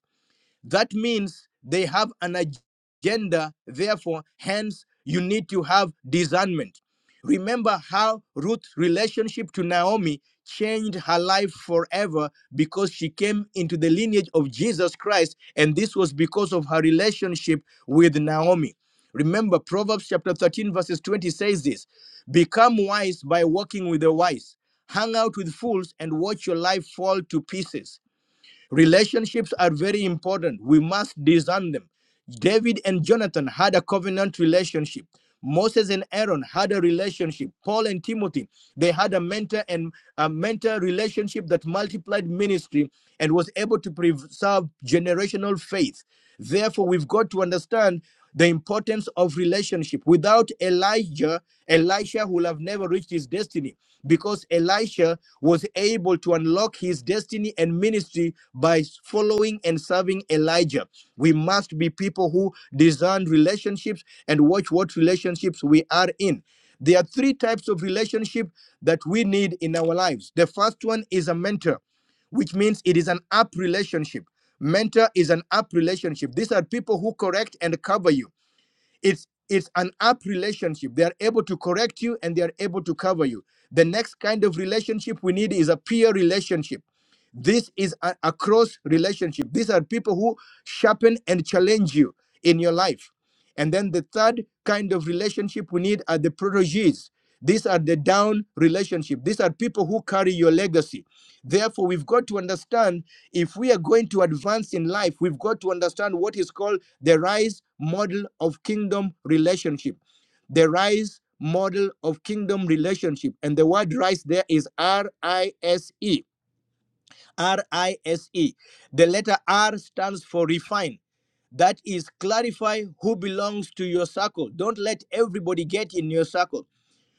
[SPEAKER 2] That means they have an agenda. Therefore, hence, you need to have discernment. Remember how Ruth's relationship to Naomi changed her life forever because she came into the lineage of Jesus Christ, and this was because of her relationship with Naomi. Remember, Proverbs chapter 13, verses 20 says this Become wise by walking with the wise, hang out with fools, and watch your life fall to pieces. Relationships are very important. We must discern them. David and Jonathan had a covenant relationship. Moses and Aaron had a relationship. Paul and Timothy, they had a mentor and a mentor relationship that multiplied ministry and was able to preserve generational faith. Therefore, we've got to understand the importance of relationship. Without Elijah, Elisha would have never reached his destiny because Elisha was able to unlock his destiny and ministry by following and serving Elijah. We must be people who design relationships and watch what relationships we are in. There are three types of relationship that we need in our lives. The first one is a mentor, which means it is an up relationship. Mentor is an up relationship. These are people who correct and cover you. It's it's an up relationship. They are able to correct you and they are able to cover you. The next kind of relationship we need is a peer relationship. This is a, a cross relationship. These are people who sharpen and challenge you in your life. And then the third kind of relationship we need are the proteges. These are the down relationship. These are people who carry your legacy Therefore, we've got to understand if we are going to advance in life, we've got to understand what is called the rise model of kingdom relationship. The rise model of kingdom relationship. And the word rise there is R I S E. R I S E. The letter R stands for refine. That is clarify who belongs to your circle. Don't let everybody get in your circle.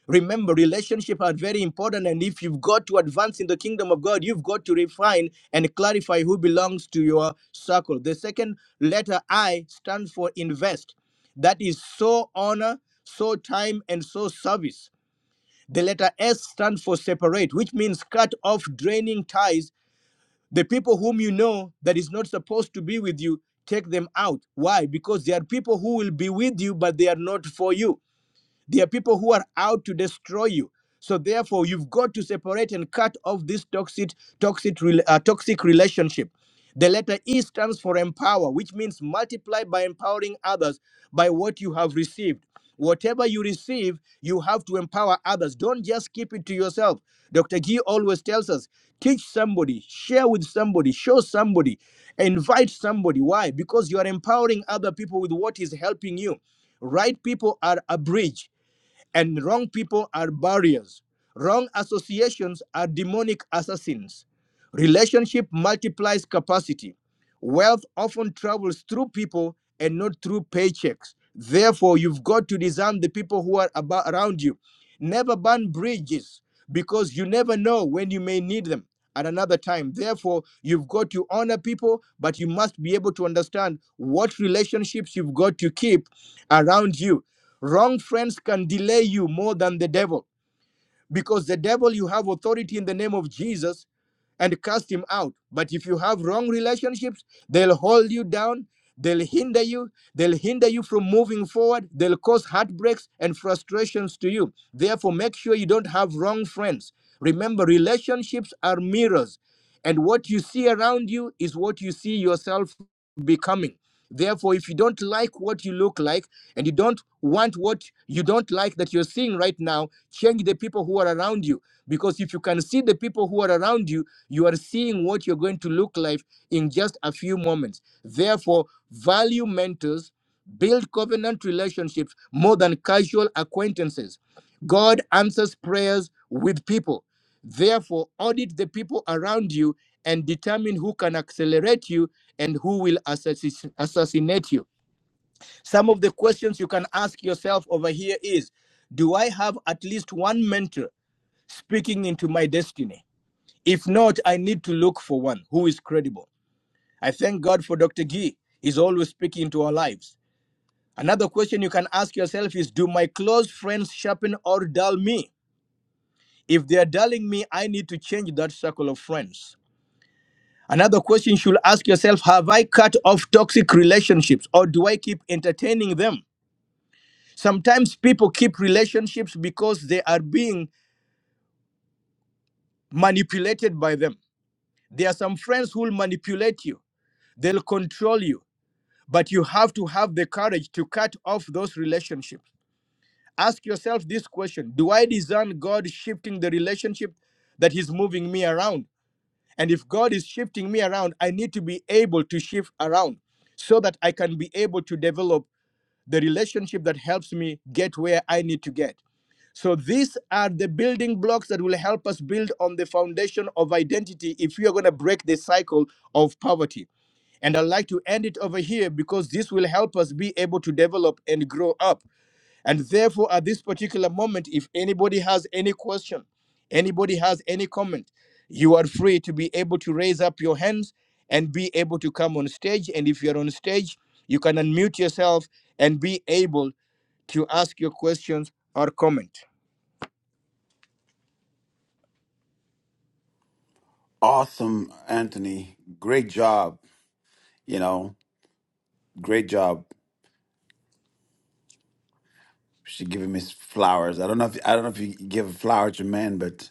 [SPEAKER 2] Remember, relationship are very important, and if you've got to advance in the kingdom of God, you've got to refine and clarify who belongs to your circle. The second letter I stands for invest. That is so honor, so time, and so service. The letter S stands for separate, which means cut off draining ties. The people whom you know that is not supposed to be with you, take them out. Why? Because there are people who will be with you, but they are not for you there are people who are out to destroy you. So therefore, you've got to separate and cut off this toxic, toxic, uh, toxic relationship. The letter E stands for empower, which means multiply by empowering others by what you have received. Whatever you receive, you have to empower others. Don't just keep it to yourself. Dr. Gee always tells us teach somebody, share with somebody, show somebody, invite somebody. Why? Because you are empowering other people with what is helping you. Right people are a bridge and wrong people are barriers. Wrong associations are demonic assassins. Relationship multiplies capacity. Wealth often travels through people and not through paychecks. Therefore, you've got to discern the people who are about, around you. Never burn bridges because you never know when you may need them at another time. Therefore, you've got to honor people, but you must be able to understand what relationships you've got to keep around you Wrong friends can delay you more than the devil because the devil, you have authority in the name of Jesus and cast him out. But if you have wrong relationships, they'll hold you down, they'll hinder you, they'll hinder you from moving forward, they'll cause heartbreaks and frustrations to you. Therefore, make sure you don't have wrong friends. Remember, relationships are mirrors, and what you see around you is what you see yourself becoming. Therefore, if you don't like what you look like and you don't want what you don't like that you're seeing right now, change the people who are around you because if you can see the people who are around you you are seeing what you're going to look like in just a few moments. Therefore, value mentors, build covenant relationships more than casual acquaintances. God answers prayers with people. Therefore, audit the people around you and determine who can accelerate you and who will assassi- assassinate you. Some of the questions you can ask yourself over here is Do I have at least one mentor speaking into my destiny? If not, I need to look for one who is credible. I thank God for Dr. Gee. He's always speaking into our lives. Another question you can ask yourself is Do my close friends sharpen or dull me? If they are dulling me, I need to change that circle of friends. Another question you should ask yourself Have I cut off toxic relationships or do I keep entertaining them? Sometimes people keep relationships because they are being manipulated by them. There are some friends who'll manipulate you, they'll control you, but you have to have the courage to cut off those relationships. Ask yourself this question Do I discern God shifting the relationship that He's moving me around? And if God is shifting me around, I need to be able to shift around so that I can be able to develop the relationship that helps me get where I need to get. So these are the building blocks that will help us build on the foundation of identity if we are going to break the cycle of poverty. And I'd like to end it over here because this will help us be able to develop and grow up. And therefore, at this particular moment, if anybody has any question, anybody has any comment, you are free to be able to raise up your hands and be able to come on stage. And if you're on stage, you can unmute yourself and be able to ask your questions or comment.
[SPEAKER 1] Awesome, Anthony. Great job. You know, great job. She giving me s- flowers. I don't know if I don't know if you give a flower to men, but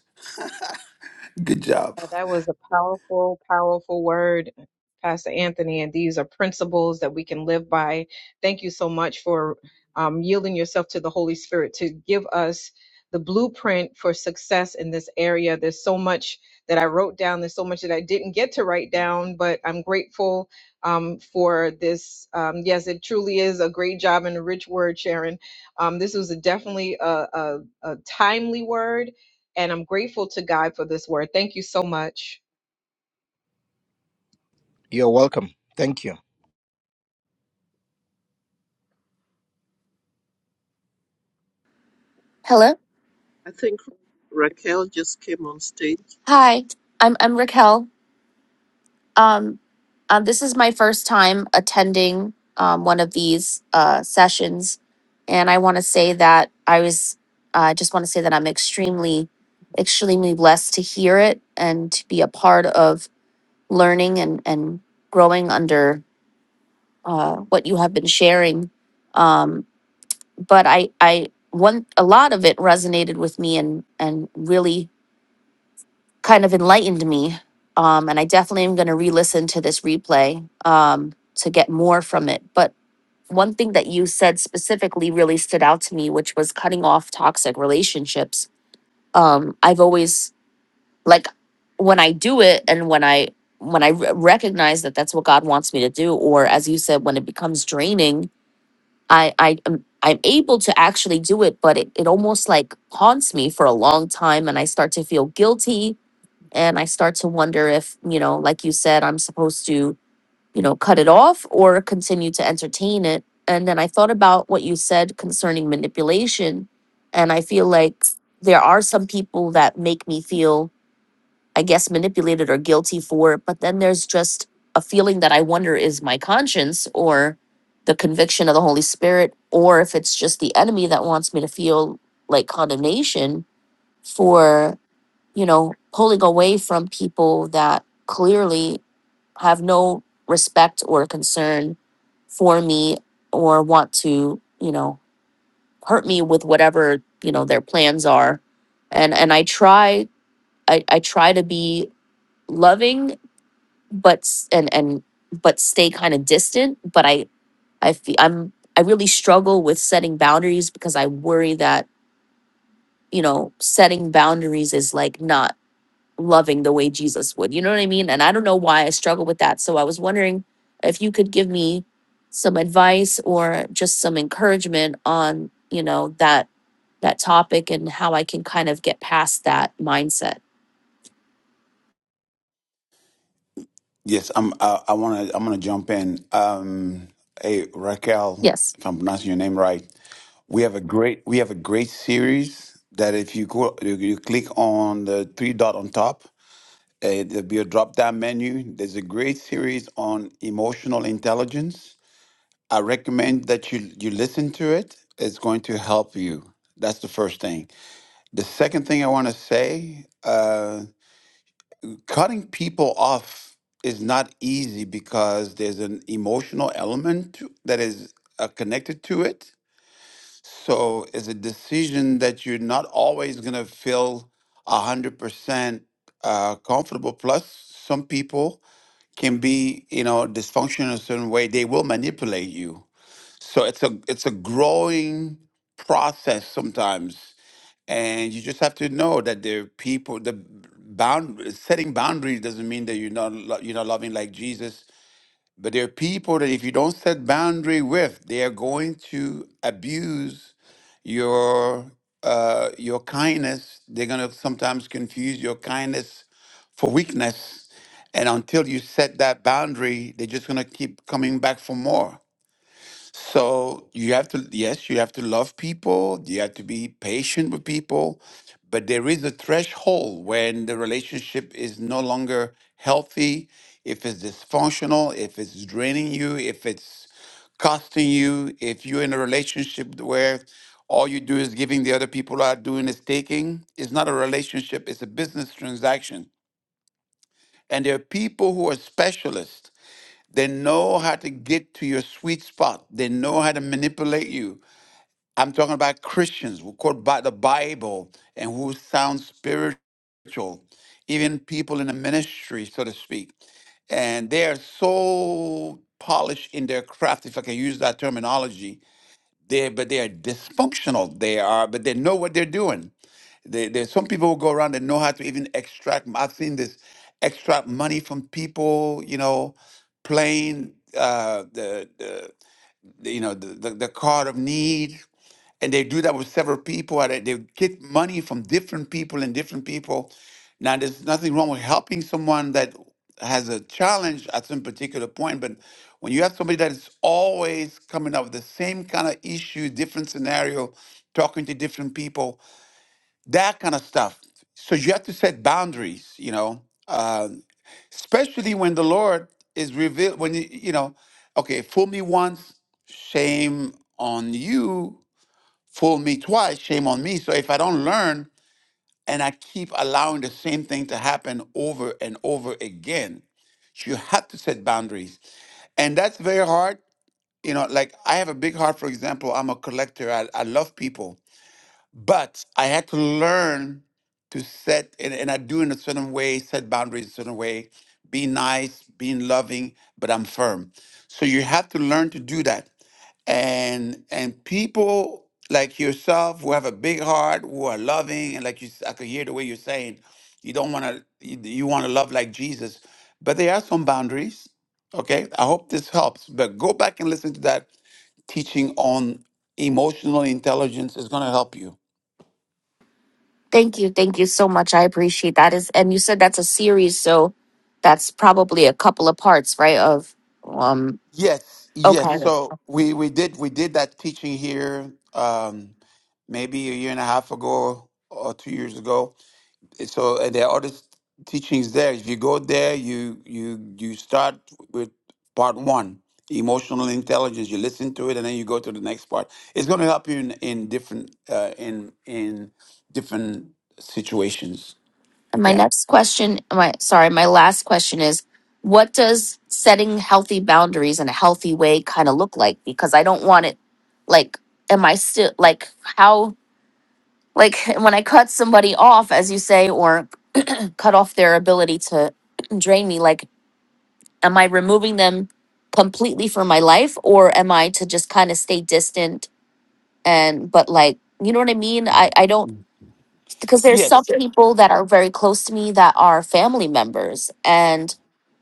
[SPEAKER 1] good job.
[SPEAKER 11] Yeah, that was a powerful, powerful word, Pastor Anthony. And these are principles that we can live by. Thank you so much for um, yielding yourself to the Holy Spirit to give us the blueprint for success in this area. There's so much that I wrote down, there's so much that I didn't get to write down, but I'm grateful um, for this. Um, yes, it truly is a great job and a rich word, Sharon. Um, this was a, definitely a, a a timely word and I'm grateful to God for this word. Thank you so much.
[SPEAKER 2] You're welcome. Thank you.
[SPEAKER 12] Hello.
[SPEAKER 8] I think Raquel just came on stage.
[SPEAKER 12] Hi. I'm I'm Raquel. Um, um, this is my first time attending um, one of these uh, sessions, and I want to say that I was. uh, I just want to say that I'm extremely, extremely blessed to hear it and to be a part of learning and and growing under uh, what you have been sharing. Um, but I I one a lot of it resonated with me and and really kind of enlightened me. Um, and I definitely am going to re listen to this replay um, to get more from it. But one thing that you said specifically really stood out to me, which was cutting off toxic relationships. Um, I've always, like, when I do it and when I, when I re- recognize that that's what God wants me to do, or as you said, when it becomes draining, I, I, am I'm able to actually do it, but it, it almost like haunts me for a long time, and I start to feel guilty and I start to wonder if, you know, like you said, I'm supposed to, you know, cut it off or continue to entertain it. And then I thought about what you said concerning manipulation. And I feel like there are some people that make me feel, I guess, manipulated or guilty for it. But then there's just a feeling that I wonder is my conscience or the conviction of the Holy Spirit, or if it's just the enemy that wants me to feel like condemnation for you know, pulling away from people that clearly have no respect or concern for me or want to, you know, hurt me with whatever, you know, their plans are. And and I try I, I try to be loving but s- and and but stay kind of distant, but I I feel I'm I really struggle with setting boundaries because I worry that, you know, setting boundaries is like not loving the way Jesus would. You know what I mean? And I don't know why I struggle with that. So I was wondering if you could give me some advice or just some encouragement on, you know, that that topic and how I can kind of get past that mindset.
[SPEAKER 1] Yes, I'm. I, I wanna. I'm gonna jump in. Um, hey Raquel,
[SPEAKER 12] Yes.
[SPEAKER 1] if I'm pronouncing your name right, we have a great. We have a great series that if you go, you, you click on the three dot on top, uh, there'll be a drop down menu. There's a great series on emotional intelligence I recommend that you you listen to it. It's going to help you. That's the first thing. The second thing I want to say, uh, cutting people off is not easy because there's an emotional element to- that is uh, connected to it. So it's a decision that you're not always going to feel 100% uh, comfortable. Plus, some people can be, you know, dysfunctional in a certain way. They will manipulate you so it's a it's a growing process sometimes, and you just have to know that there are people. The bound setting boundaries doesn't mean that you're not lo- you're not loving like Jesus. But there are people that if you don't set boundary with, they are going to abuse your uh, your kindness. They're gonna sometimes confuse your kindness for weakness, and until you set that boundary, they're just gonna keep coming back for more. So you have to, yes, you have to love people, you have to be patient with people, but there is a threshold when the relationship is no longer healthy, if it's dysfunctional, if it's draining you, if it's costing you, if you're in a relationship where all you do is giving, the other people are doing is taking. It's not a relationship, it's a business transaction. And there are people who are specialists they know how to get to your sweet spot. They know how to manipulate you. I'm talking about Christians who quote by the Bible and who sound spiritual, even people in the ministry, so to speak. And they are so polished in their craft, if I can use that terminology. They but they are dysfunctional. They are, but they know what they're doing. There, there's some people who go around and know how to even extract. I've seen this extract money from people, you know, playing uh, the, the, the, you know, the, the, the card of need. And they do that with several people. and They they get money from different people and different people. Now, there's nothing wrong with helping someone that has a challenge at some particular point, but when you have somebody that is always coming up with the same kind of issue, different scenario, talking to different people, that kind of stuff. So you have to set boundaries, you know, uh, especially when the Lord is revealed. When you, you know, okay, fool me once, shame on you. Fool me twice, shame on me. So if I don't learn and I keep allowing the same thing to happen over and over again, you have to set boundaries, and that's very hard. You know, like I have a big heart. For example, I'm a collector. I, I love people but I had to learn to set, and, and I do in a certain way, set boundaries in a certain way, be nice, being loving, but I'm firm. So you have to learn to do that. And and people like yourself who have a big heart, who are loving, and like you, s- I could hear the way you're saying, you don't want to, you, you want to love like Jesus, but there are some boundaries. Okay, I hope this helps. But go back and listen to that teaching on emotional intelligence is going to help you
[SPEAKER 12] Thank you. Thank you so much. I appreciate that. Is and you said that's a series, so that's probably a couple of parts, right? Of um
[SPEAKER 1] Yes, yes.
[SPEAKER 12] okay.
[SPEAKER 1] So we we did we did that teaching here um maybe a year and a half ago or two years ago. So and there are other s- teachings there. If you go there, you you you start with part one, emotional intelligence. You listen to it and then you go to the next part. It's going to help you in in different uh, in in different situations.
[SPEAKER 12] And my
[SPEAKER 1] Yeah.
[SPEAKER 12] next question, my sorry, my last question is what does setting healthy boundaries in a healthy way kind of look like? Because I don't want it like am I still like how like when I cut somebody off as you say or cut off their ability to drain me like am I removing them completely from my life or am I to just kind of stay distant and but like you know what I mean? I I don't because there's some
[SPEAKER 1] Yes.
[SPEAKER 12] Yeah. people that are very close to me that are family members and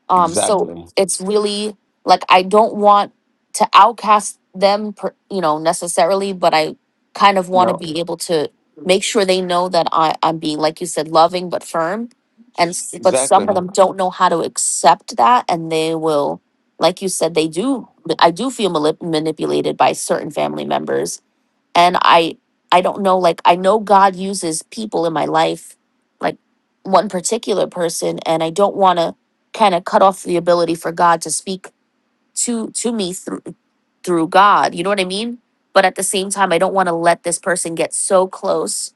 [SPEAKER 12] Um, so
[SPEAKER 1] Exactly.
[SPEAKER 12] it's really like I don't want to outcast them, per, you know, necessarily, but I kind of want to
[SPEAKER 1] No.
[SPEAKER 12] be able to make sure they know that I, I'm being, like you said, loving but firm. And s- but some of
[SPEAKER 1] Exactly.
[SPEAKER 12] them don't know how to accept that, and they will, like you said, they do. I do feel malip- manipulated by certain family members and i i don't know like i know god uses people in my life like one particular person and i don't want to kind of cut off the ability for god to speak to to me through through god you know what i mean but at the same time i don't want to let this person get so close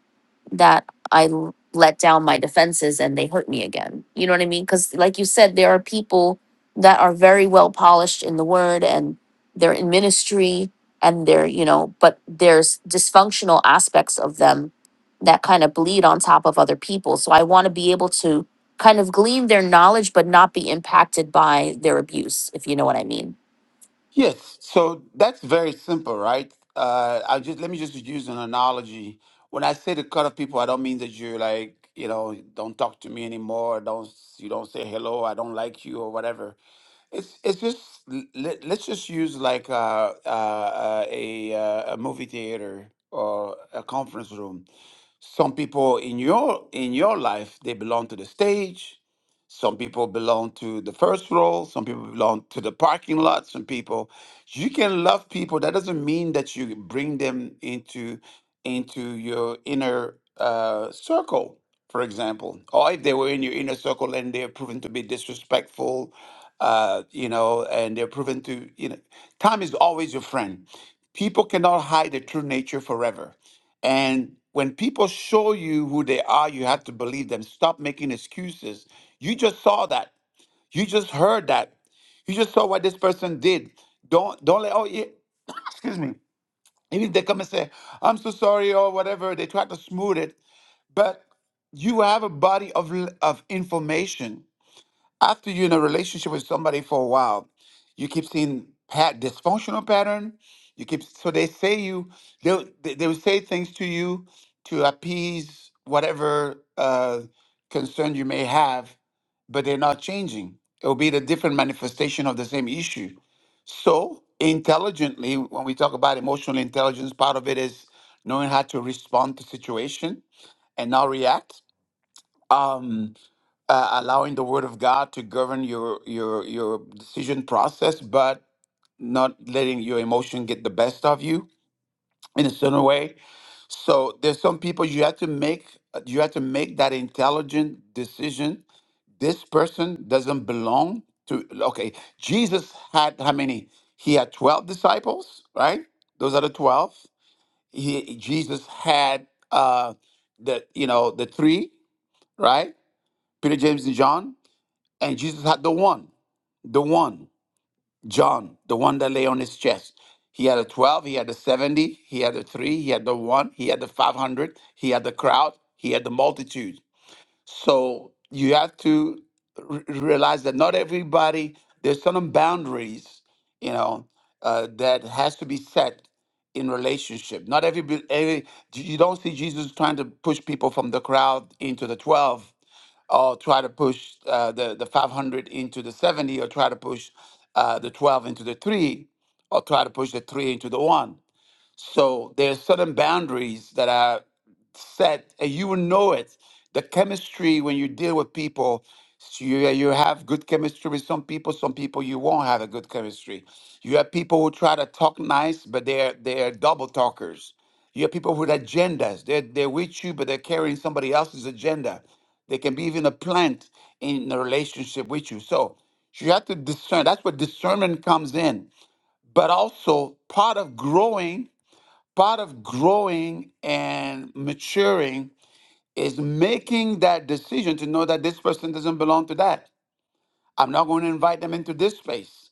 [SPEAKER 12] that I l- let down my defenses and they hurt me again. You know what I mean? Because, like you said, there are people that are very well polished in the word and they're in ministry and they're, you know, but there's dysfunctional aspects of them that kind of bleed on top of other people. So I want to be able to kind of glean their knowledge but not be impacted by their abuse, if you know what I mean.
[SPEAKER 1] Yes, so that's very simple, right? Uh, I just let me just use an analogy. When I say to cut off people, I don't mean that you're like, you know, don't talk to me anymore, don't you don't say hello, I don't like you or whatever. It's it's just let, let's just use like uh, uh, uh, a uh, a movie theater or a conference room. Some people in your in your life they belong to the stage some people belong to the first row. Some people belong to the parking lot. Some people, you can love people. That doesn't mean that you bring them into into your inner uh, circle, for example. Or if they were in your inner circle and they're proven to be disrespectful, uh, you know, and they're proven to, you know, time is always your friend. People cannot hide their true nature forever and when people show you who they are, you have to believe them. Stop making excuses. You just saw that. You just heard that. You just saw what this person did. Don't don't let oh yeah, excuse me. Even if they come and say, I'm so sorry or whatever, they try to smooth it. But you have a body of l- of information after you're in a relationship with somebody for a while, you keep seeing pat dysfunctional pattern. You keep so they say you they they they will say things to you to appease whatever uh, concern you may have, but they're not changing. It will be the different manifestation of the same issue. So intelligently, when we talk about emotional intelligence, part of it is knowing how to respond to situation and not react. Um, uh, allowing the word of God to govern your your your decision process, but not letting your emotion get the best of you in a certain way. So there's some people you have to make you have to make that intelligent decision. This person doesn't belong to. Okay, Jesus had how many? He had twelve disciples, right? Those are the twelve. He Jesus had uh, the you know the three, right? Peter, James, and John, and Jesus had the one. the one, John, the one that lay on his chest. He had a 12, he had a 70, he had a 3, he had the 1, he had the 500, he had the crowd, he had the multitude. So you have to re- realize that not everybody, there's certain boundaries, you know, uh, that has to be set in relationship. Not every, every, you don't see Jesus trying to push people from the crowd into the 12 or try to push uh, the, the 500 into the 70 or try to push uh, the 12 into the 3 or try to push the 3 into the 1 so there's certain boundaries that are set, and you will know it. The chemistry when you deal with people, s- you you have good chemistry with some people. Some people you won't have a good chemistry. You have people who try to talk nice, but they're they're double talkers. You have people with agendas. They're they're with you, but they're carrying somebody else's agenda. They can be even a plant in a relationship with you. So you have to discern. That's where discernment comes in. But also part of growing part of growing and maturing is making that decision to know that this person doesn't belong to that. I'm not going to invite them into this space.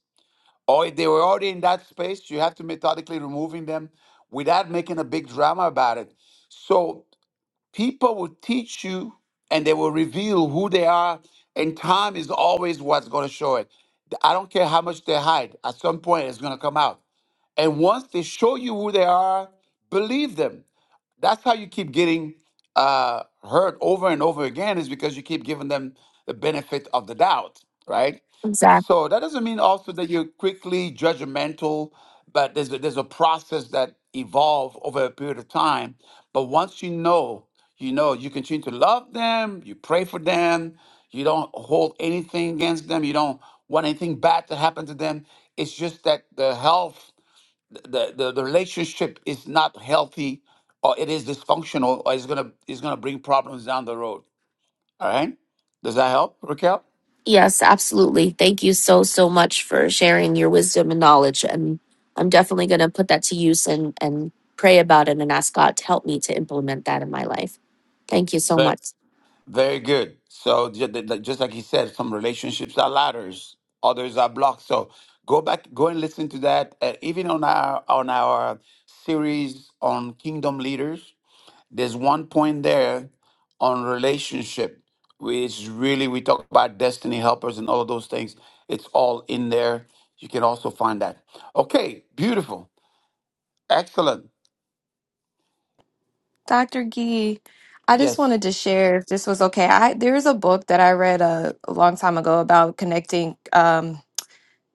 [SPEAKER 1] Or if they were already in that space, you have to methodically removing them without making a big drama about it. So people will teach you and they will reveal who they are, and time is always what's going to show it. I don't care how much they hide, at some point it's going to come out. And once they show you who they are, believe them that's how you keep getting uh, hurt over and over again is because you keep giving them the benefit of the doubt, right? So that doesn't mean also that you're quickly judgmental, but there's a, there's a process that evolve over a period of time. But once you know, you know, you continue to love them, you pray for them, you don't hold anything against them, you don't want anything bad to happen to them. It's just that the health the, the, the relationship is not healthy or it is dysfunctional or it's gonna it's gonna bring problems down the road. All right. Does that help, Raquel?
[SPEAKER 12] Yes, absolutely. Thank you so, so much for sharing your wisdom and knowledge. And I'm definitely going to put that to use and, and pray about it and ask God to help me to implement that in my life. Thank you so
[SPEAKER 1] But
[SPEAKER 12] much.
[SPEAKER 1] very good. So ju- the- the- just like he said, some relationships are ladders, others are blocks. So go back, go and listen to that. Uh, even on our on our series on kingdom leaders, there's one point there on relationship which really we talk about destiny helpers and all of those things it's all in there you can also find that okay beautiful excellent
[SPEAKER 13] Dr. Gee, I just
[SPEAKER 1] yes
[SPEAKER 13] wanted to share if this was okay. I there is a book that I read a, a long time ago about connecting. Um,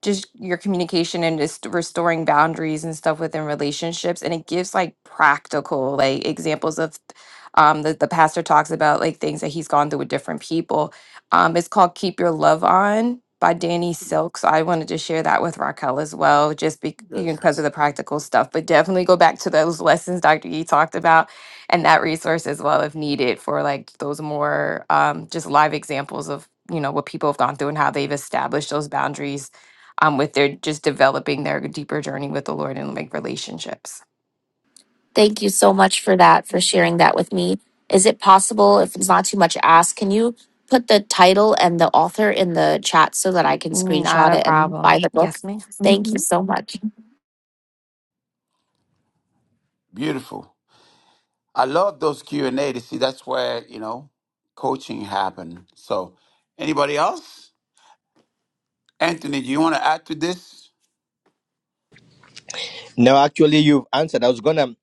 [SPEAKER 13] just your communication and just restoring boundaries and stuff within relationships and it gives like practical like examples of um the, the pastor talks about like things that he's gone through with different people um it's called keep your love on by danny silk so i wanted to share that with raquel as well just be, you know,
[SPEAKER 1] yes
[SPEAKER 13] because of the practical stuff but definitely go back to those lessons dr e talked about and that resource as well if needed for like those more um just live examples of you know what people have gone through and how they've established those boundaries um, with their just developing their deeper journey with the Lord and like relationships.
[SPEAKER 12] Thank you so
[SPEAKER 1] Be-
[SPEAKER 12] much for that, for sharing that with me. Is it possible, if it's not too much to ask, can you put the title and the author in the chat so that I can
[SPEAKER 13] Not
[SPEAKER 12] screenshot
[SPEAKER 13] a
[SPEAKER 12] it and
[SPEAKER 13] problem.
[SPEAKER 12] buy the book?
[SPEAKER 13] Yes,
[SPEAKER 12] Thank
[SPEAKER 13] madam
[SPEAKER 12] you so much.
[SPEAKER 1] beautiful i love those q and a to see that's where you know coaching happened so anybody else anthony do you want to add to this
[SPEAKER 2] No, actually, you've answered. I was gonna.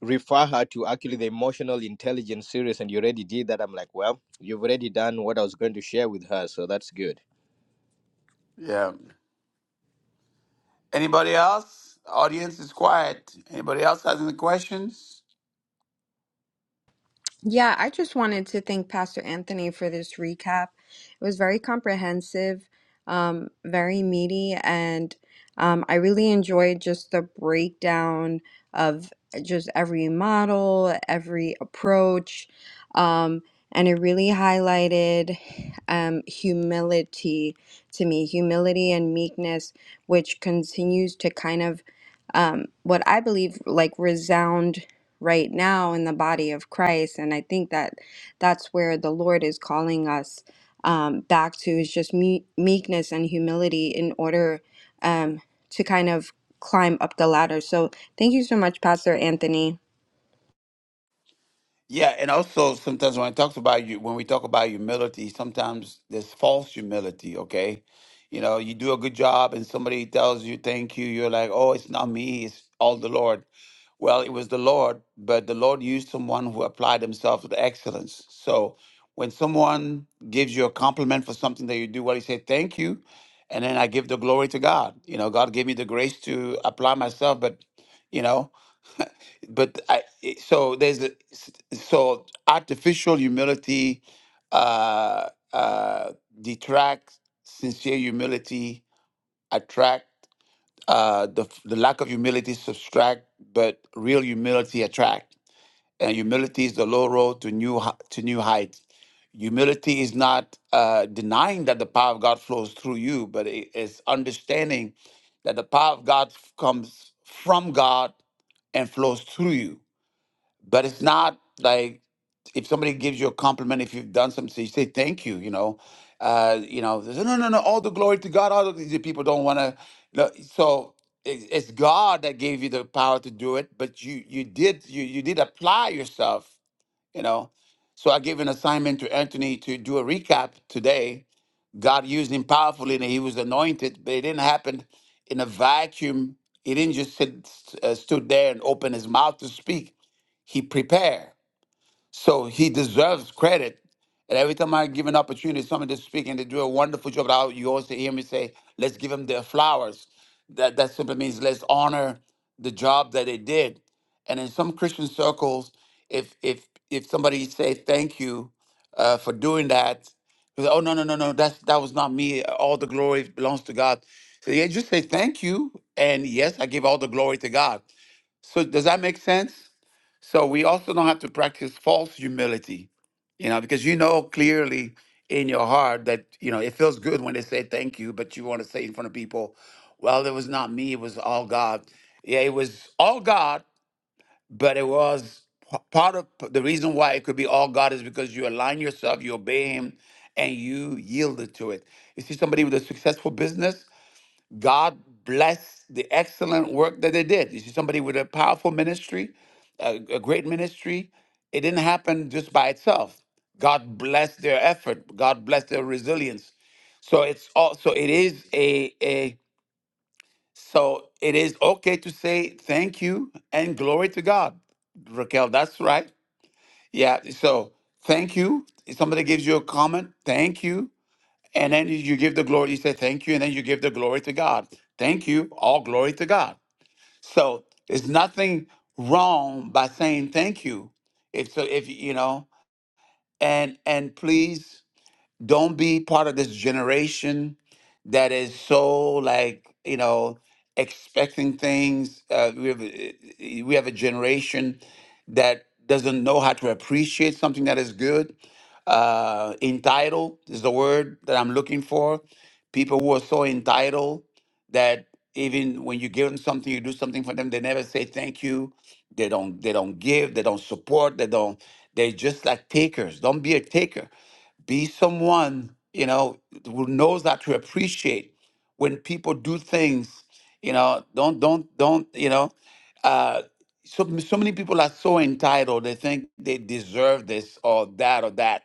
[SPEAKER 2] refer her to actually the emotional intelligence series and you already did that i'm like well you've already done what i was going to share with her so that's good
[SPEAKER 1] yeah anybody else audience is quiet anybody else has any questions
[SPEAKER 10] Yeah, I just wanted to thank Pastor Anthony for this recap. It was very comprehensive, um, very meaty, and um, I really enjoyed just the breakdown of uh, just every model, every approach, um, and it really highlighted um, humility to me, humility and meekness, which continues to kind of um, what I believe like resound right now in the body of Christ. And I think that that's where the Lord is calling us um, back to is just me- meekness and humility in order um, to kind of climb up the ladder. So thank you so much, Pastor Anthony.
[SPEAKER 1] Yeah, and also sometimes when I talk about you, when we talk about humility, sometimes there's false humility. Okay, you know, you do a good job, and somebody tells you thank you. You're like, oh, it's not me, it's all the Lord. Well, it was the Lord, but the Lord used someone who applied himself with excellence. So when someone gives you a compliment for something that you do, well, you say thank you, and then I give the glory to God. You know, God gave me the grace to apply myself, but you know but I it- so there's a, s- so artificial humility uh uh detracts sincere humility attract uh the f- the lack of humility subtract but real humility attract and humility is the low road to new hi- to new heights humility is not uh denying that the power of god flows through you but it is understanding that the power of god comes from god and flows through you but it's not like if somebody gives you a compliment if you've done something so you say thank you you know uh you know they say, no no no all the glory to god all of these people don't want to no, so it's, it's god that gave you the power to do it but you you did you you did apply yourself you know so i gave an assignment to anthony to do a recap today god used him powerfully and he was anointed but it didn't happen in a vacuum he didn't just sit uh, stood there and open his mouth to speak he prepared so he deserves credit. And every time I give an opportunity, to someone to speak and they do a wonderful job, I, you also hear me say, let's give them their flowers. That, that simply means let's honor the job that they did. And in some Christian circles, if if if somebody say thank you uh, for doing that, they say, oh no no no no that's that was not me. All the glory belongs to God. So yeah, just say thank you. And yes, I give all the glory to God. So does that make sense? So we also don't have to practice false humility, you know, because you know clearly in your heart that, you know, it feels good when they say thank you, but you want to say in front of people, well, it was not me, it was all God. Yeah, it was all God, but it was p- part of p- the reason why it could be all God is because you align yourself, you obey Him, and you yielded to it. You see somebody with a successful business, God bless the excellent work that they did. You see somebody with a powerful ministry, a, a great ministry. It didn't happen just by itself. God bless their effort. God bless their resilience. So it's also it is a a so it is okay to say thank you and glory to God. Raquel, that's right. Yeah. So thank you. If somebody gives you a comment, thank you and then you give the glory, you say thank you, and then you give the glory to God. Thank you, all glory to God. So there's nothing wrong by saying thank you. If so, if you know, and and please don't be part of this generation that is so like you know expecting things uh, we have a- we have a generation that doesn't know how to appreciate something that is good uh entitled is the word that i'm looking for people who are so entitled that even when you give them something you do something for them they never say thank you they don't they don't give they don't support they don't they're just like takers don't be a taker be someone you know who knows that to appreciate when people do things you know don't don't don't you know uh so, so many people are so entitled they think they deserve this or that or that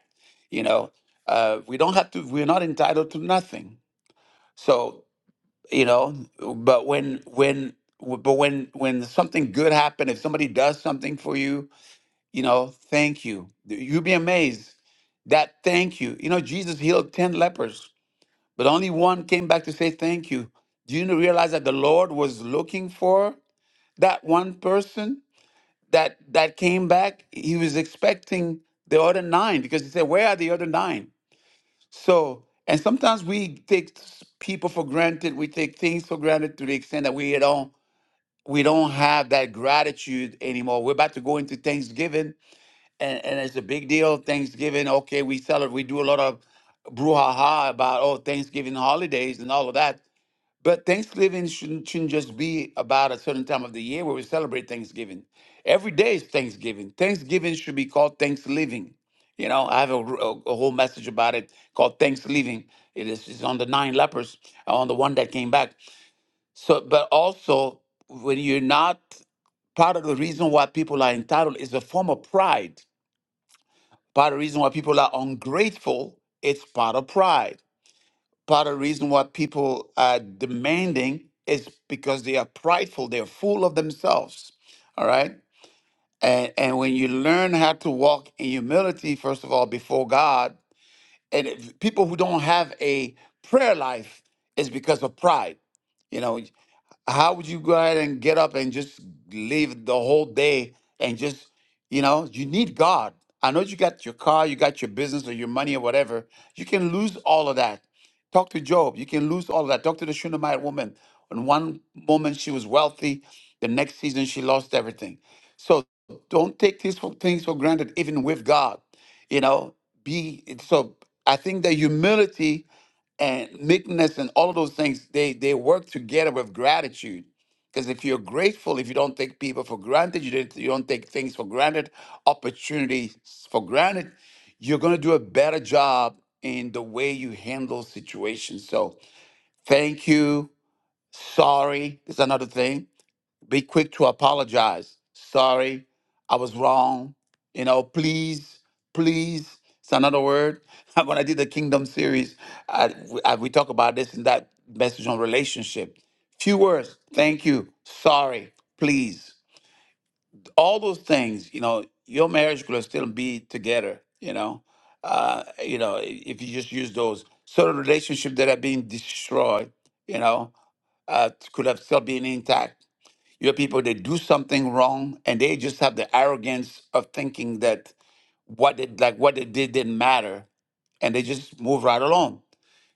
[SPEAKER 1] you know uh we don't have to we're not entitled to nothing so you know but when when but when when something good happens if somebody does something for you you know, thank you. You'd be amazed that thank you. You know, Jesus healed 10 lepers, but only one came back to say thank you. Do you realize that the Lord was looking for that one person that that came back? He was expecting the other nine because he said, Where are the other nine?" So, and sometimes we take s- people for granted, we take things for granted to the extent that we don't we don't have that gratitude anymore. We're about to go into Thanksgiving and and it's a big deal. Thanksgiving, okay, we celebrate, we do a lot of brouhaha about oh Thanksgiving holidays and all of that. But Thanksgiving shouldn't, shouldn't just be about a certain time of the year where we celebrate Thanksgiving. Every day is Thanksgiving. Thanksgiving should be called Thanksgiving. You know, I have a, a, a whole message about it called Thanksgiving. It is it's on the nine lepers, on the one that came back. So, but also when you're not part of the reason why people are entitled is a form of pride Part of the reason why people are ungrateful, it's part of pride. Part of the reason why people are demanding is because they are prideful, they're full of themselves. All right. And and when you learn how to walk in humility, first of all, before God, and if people who don't have a prayer life is because of pride. You know, how would you go ahead and get up and just leave the whole day and just, you know, you need God. I know you got your car, you got your business or your money or whatever. You can lose all of that. Talk to Job. You can lose all of that. Talk to the Shunammite woman. In one moment she was wealthy, the next season she lost everything. So don't take these for- things for granted, even with God you know be so i think that humility and meekness and all of those things they they work together with gratitude because if you're grateful if you don't take people for granted you don't, you don't take things for granted opportunities for granted you're going to do a better job in the way you handle situations so thank you sorry is another thing be quick to apologize. Sorry, I was wrong. You know, please, please. It's another word. When I did the Kingdom series, I, I, we talk about this in that message on relationship. Few words. Thank you. Sorry. Please. All those things. You know, your marriage could still be together. You know, uh, you know, i- if you just use those certain relationships that are being destroyed, you know, uh, could have still been intact you have people they do something wrong and they just have the arrogance of thinking that what they, like what they did didn't matter and they just move right along.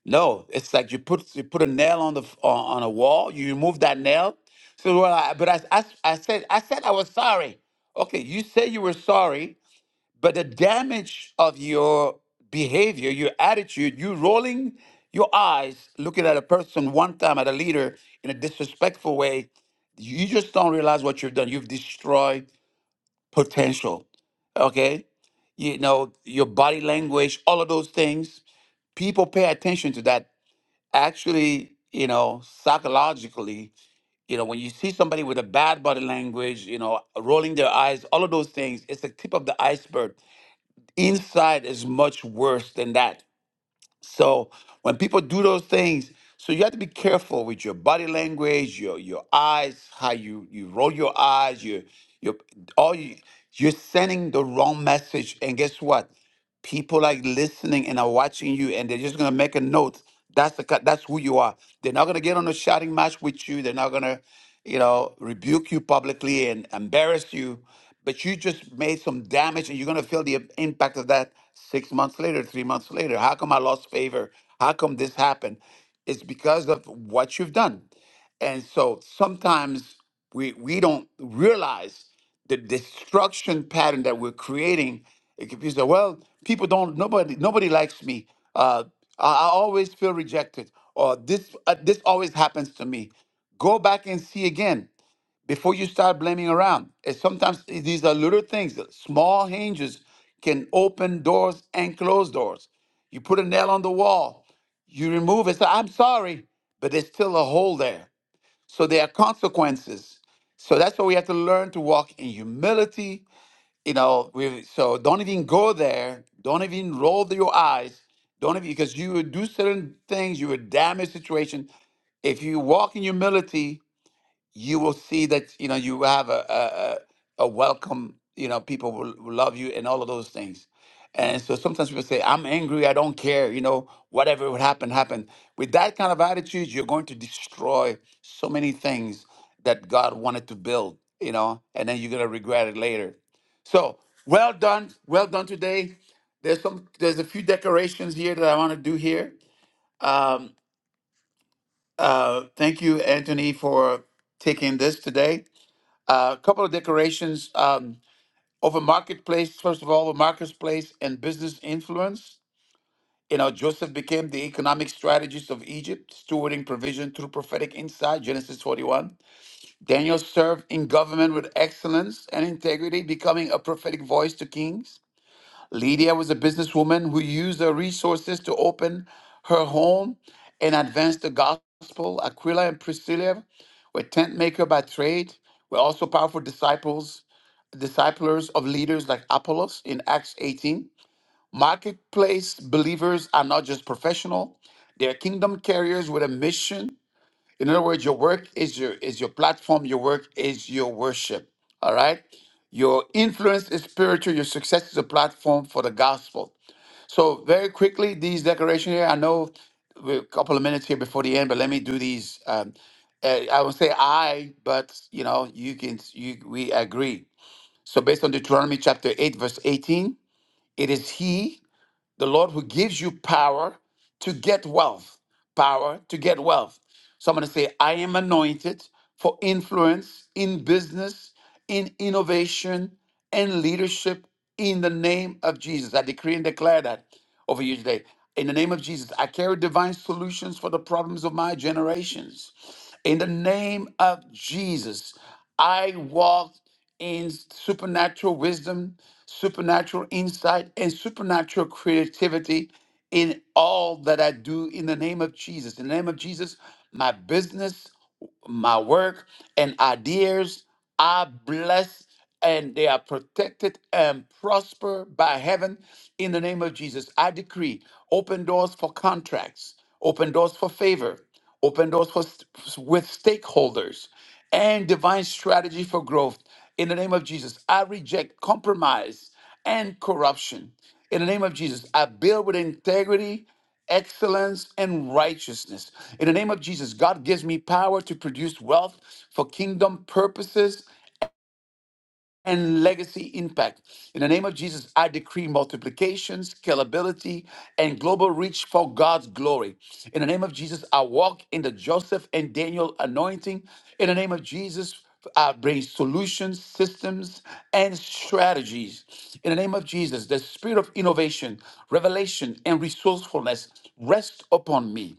[SPEAKER 1] No, it's like you put you put a nail on the f- on on a wall, you remove that nail. So well, I, but I, I I said I said I was sorry. Okay, you say you were sorry, but the damage of your behavior, your attitude, you rolling your eyes, looking at a person one time, at a leader in a disrespectful way, you just don't realize what you've done. You've destroyed potential. Okay? You know, your body language, all of those things. People pay attention to that. Actually, you know, psychologically, you know, when you see somebody with a bad body language, you know, rolling their eyes, all of those things, it's the tip of the iceberg inside is much worse than that. So when people do those things, so you have to be careful with your body language, your your eyes, how you you roll your eyes, your your all you you're sending the wrong message. And guess what? People are listening and are watching you, and they're just gonna make a note. That's the ki- that's who you are. They're not gonna get on a shouting match with you. They're not gonna, you know, rebuke you publicly and embarrass you but you just made some damage and you're going to feel the impact of that six months later, three months later. How come I lost favor? How come this happened? It's because of what you've done. And so sometimes we, we don't realize the destruction pattern that we're creating. It could be so, well, people don't, nobody, nobody likes me. Uh, I, I always feel rejected or this, uh, this always happens to me. Go back and see again before you start blaming around. And sometimes these are little things. Small hinges can open doors and close doors. You put a nail on the wall, you remove it. So I'm sorry, but there's still a hole there. So there are consequences. So that's why we have to learn to walk in humility. You know, we, so don't even go there. Don't even roll your eyes. Don't even because you would do certain things, you would damage situation. If you walk in humility, you will see that you know you have a a, a a welcome you know people will, will love you and all of those things and so sometimes people say i'm angry i don't care you know whatever would happen happen with that kind of attitude you're going to destroy so many things that god wanted to build you know and then you're going to regret it later so well done well done today there's some there's a few decorations here that i want to do here um uh thank you anthony for taking this today a couple of decorations um, over marketplace. First of all, over marketplace and business influence. You know, Joseph became the economic strategist of Egypt, stewarding provision through prophetic insight, Genesis 41. Daniel served in government with excellence and integrity, becoming a prophetic voice to kings. Lydia was a businesswoman who used her resources to open her home and advance the gospel. Aquila and Priscilla were tent maker by trade, were also powerful disciples disciples of leaders like Apollos in Acts 18. Marketplace believers are not just professional, they're kingdom carriers with a mission. In other words, your work is your is your platform, your work is your worship. All right? Your influence is spiritual, your success is a platform for the gospel. So very quickly, these declaration here, I know we're a couple of minutes here before the end, but let me do these. Um, uh, I would say I, but you know, you can you we agree so, based on Deuteronomy chapter 8, verse 18, it is He, the Lord, who gives you power to get wealth. Power to get wealth. So, I'm going to say, I am anointed for influence in business, in innovation, and leadership in the name of Jesus. I decree and declare that over you today. In the name of Jesus, I carry divine solutions for the problems of my generations. In the name of Jesus, I walk in supernatural wisdom, supernatural insight, and supernatural creativity in all that I do in the name of Jesus. In the name of Jesus, my business, my work, and ideas are blessed and they are protected and prosper by heaven in the name of Jesus. I decree open doors for contracts, open doors for favor, open doors for, st- with stakeholders, and divine strategy for growth. In the name of Jesus, I reject compromise and corruption. In the name of Jesus, I build with integrity, excellence, and righteousness. In the name of Jesus, God gives me power to produce wealth for kingdom purposes and legacy impact. In the name of Jesus, I decree multiplication, scalability, and global reach for God's glory. In the name of Jesus, I walk in the Joseph and Daniel anointing. In the name of Jesus, I bring solutions, systems, and strategies. In the name of Jesus, the spirit of innovation, revelation, and resourcefulness rest upon me.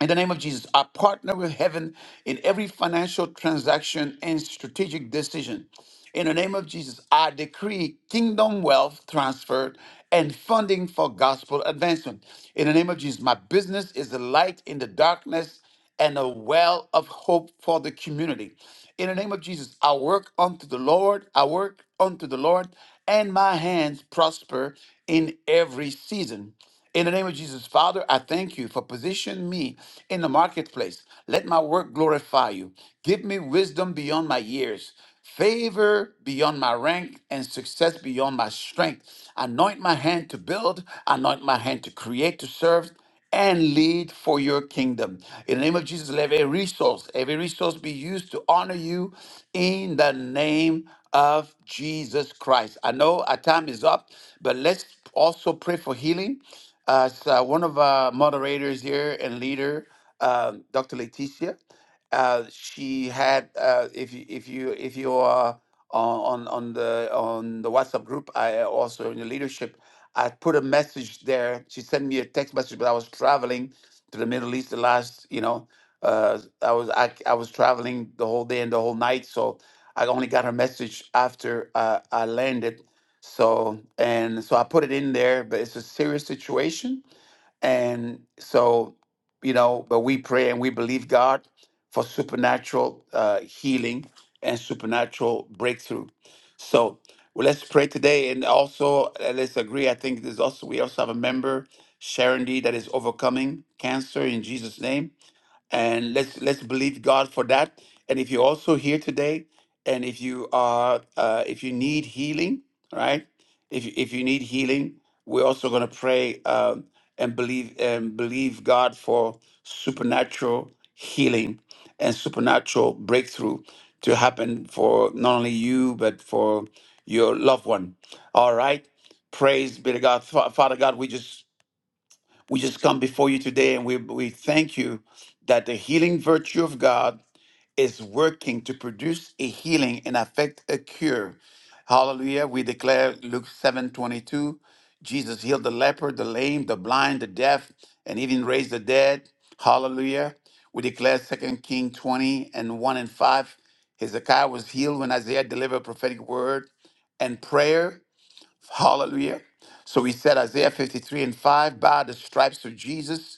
[SPEAKER 1] In the name of Jesus, I partner with heaven in every financial transaction and strategic decision. In the name of Jesus, I decree kingdom wealth transferred and funding for gospel advancement. In the name of Jesus, my business is a light in the darkness and a well of hope for the community. In the name of Jesus, I work unto the Lord, I work unto the Lord, and my hands prosper in every season. In the name of Jesus, Father, I thank you for positioning me in the marketplace. Let my work glorify you. Give me wisdom beyond my years, favor beyond my rank, and success beyond my strength. Anoint my hand to build, anoint my hand to create, to serve, and lead for your kingdom. In the name of Jesus, let every resource, every resource be used to honor you in the name of Jesus Christ. I know our time is up, but let's also pray for healing. As uh, one of our moderators here and leader, uh, Dr. Leticia. Uh, she had, uh, if you if you if you are on on on the on the WhatsApp group, I uh, also in the leadership, I put a message there. She sent me a text message, but I was traveling to the Middle East the last, you know, uh, I was I, I was traveling the whole day and the whole night, so I only got her message after uh, I landed. So and so I put it in there, but it's a serious situation. And so, you know, but we pray and we believe God for supernatural uh, healing and supernatural breakthrough. So well, let's pray today, and also uh, let's agree. I think there's also we also have a member, Sharon D, that is overcoming cancer in Jesus' name and let's let's believe God for that. And if you're also here today, and if you are uh, if you need healing, right? If you- if you need healing, we're also going to pray um, and believe and believe God for supernatural healing and supernatural breakthrough to happen for not only you but for your loved one. All right. Praise be to God. Fa- Father God, we just we just come before you today and we, we thank you that the healing virtue of God is working to produce a healing and effect a cure. Hallelujah. We declare Luke 7 22. Jesus healed the leper, the lame, the blind, the deaf, and even raised the dead. Hallelujah. We declare Second King 20 and 1 and 5. Hezekiah was healed when Isaiah delivered a prophetic word and prayer. Hallelujah. So we said Isaiah 53 and 5, by the stripes of Jesus,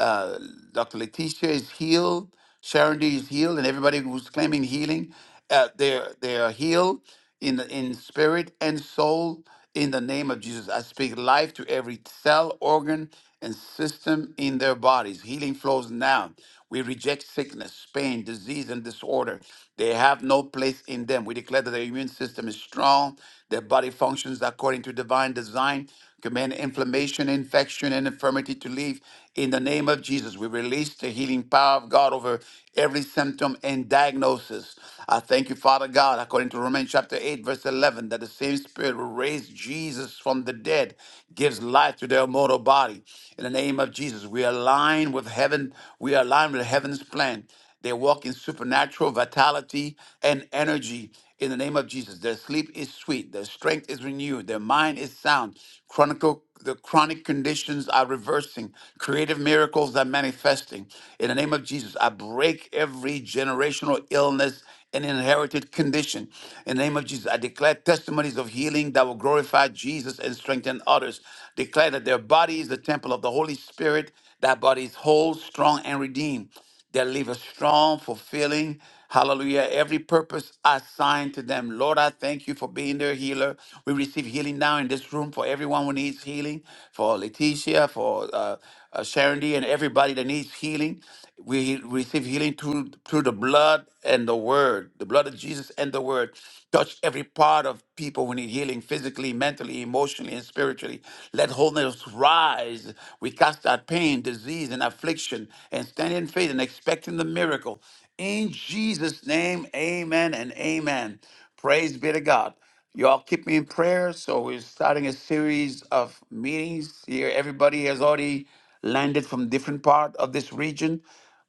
[SPEAKER 1] uh, Dr. Letitia is healed. Sharon D is healed, and everybody who's claiming healing, uh, they're they are healed in the, in spirit and soul in the name of Jesus. I speak life to every cell, organ, and system in their bodies. Healing flows now. We reject sickness, pain, disease, and disorder. They have no place in them. We declare that their immune system is strong, their body functions according to divine design command inflammation, infection, and infirmity to leave. In the name of Jesus, we release the healing power of God over every symptom and diagnosis. I thank you, Father God, according to Romans chapter 8, verse 11, that the same Spirit who raised Jesus from the dead gives life to their mortal body. In the name of Jesus, we align with heaven. We align with heaven's plan they walk in supernatural vitality and energy in the name of Jesus. Their sleep is sweet, their strength is renewed, their mind is sound. Chronicle the chronic conditions are reversing, creative miracles are manifesting. In the name of Jesus, I break every generational illness and inherited condition. In the name of Jesus, I declare testimonies of healing that will glorify Jesus and strengthen others. Declare that their body is the temple of the Holy Spirit, that body is whole, strong, and redeemed that leave us strong, fulfilling, hallelujah, every purpose assigned to them. Lord, I thank you for being their healer. We receive healing now in this room for everyone who needs healing, for Letitia, for uh, uh, Sharon D, and everybody that needs healing. We receive healing through, through the blood and the word, the blood of Jesus and the word. Touch every part of people who need healing physically, physically, mentally, emotionally, and spiritually. Let wholeness rise. We cast out pain, disease, and affliction and stand in faith and expecting the miracle. In Jesus' name, amen and amen. Praise be to God. Y'all keep me in prayer. So we're starting a series of meetings here. Everybody has already landed from different part of this region.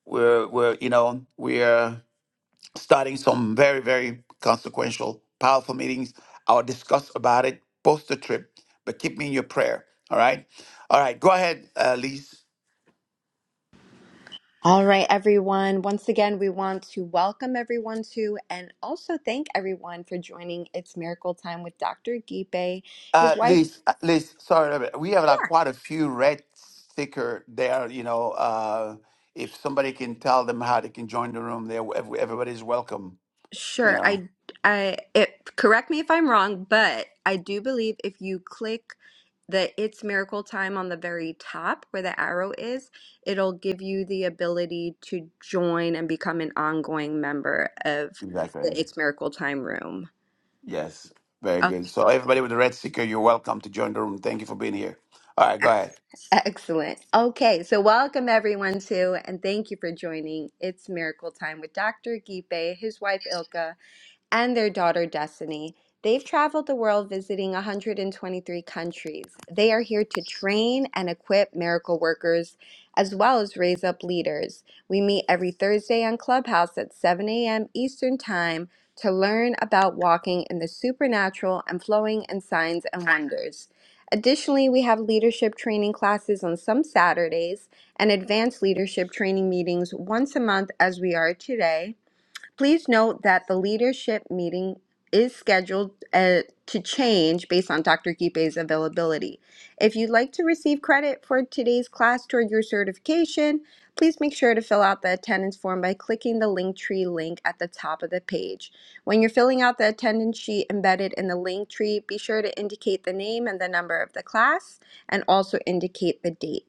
[SPEAKER 1] We're, we're you know, we're starting some very, very consequential, powerful meetings. I'll discuss about it post the trip, but keep me in your prayer. All right. All right. Go ahead, uh, Liz.
[SPEAKER 10] All right, everyone. Once again, we want to welcome everyone to and also thank everyone for joining It's Miracle Time with Dr. Gipe, his
[SPEAKER 1] Uh,
[SPEAKER 10] wife.
[SPEAKER 1] Liz, uh, Liz, sorry, about that. we have like quite a few red sticker there. You know, uh, if somebody can tell them how they can join the room, there ev- everybody's welcome. You
[SPEAKER 10] Sure,
[SPEAKER 1] know,
[SPEAKER 10] I, I, it, correct me if I'm wrong, but I do believe if you click the It's Miracle Time on the very top where the arrow is, it'll give you the ability to join and become an ongoing member of
[SPEAKER 1] exactly.
[SPEAKER 10] the It's Miracle Time room.
[SPEAKER 1] Yes, very good.
[SPEAKER 10] Okay,
[SPEAKER 1] So everybody with the red sticker, you're welcome to join the room. Thank you for being here. All right, go ahead.
[SPEAKER 10] ex- excellent. Okay, so welcome everyone to, and thank you for joining It's Miracle Time with Dr. Gipe, his wife Ilka, and their daughter Destiny. They've traveled the world visiting 123 countries. They are here to train and equip miracle workers as well as raise up leaders. We meet every Thursday on Clubhouse at 7 a.m. Eastern Time to learn about walking in the supernatural and flowing in signs and wonders. Additionally, we have leadership training classes on some Saturdays and advanced leadership training meetings once a month as we are today. Please note that the leadership meeting is scheduled uh, to change based on Dr. Gipe's availability. If you'd like to receive credit for today's class toward your certification, please make sure to fill out the attendance form by clicking the Linktree link at the top of the page. When you're filling out the attendance sheet embedded in the Linktree, be sure to indicate the name and the number of the class and also indicate the date.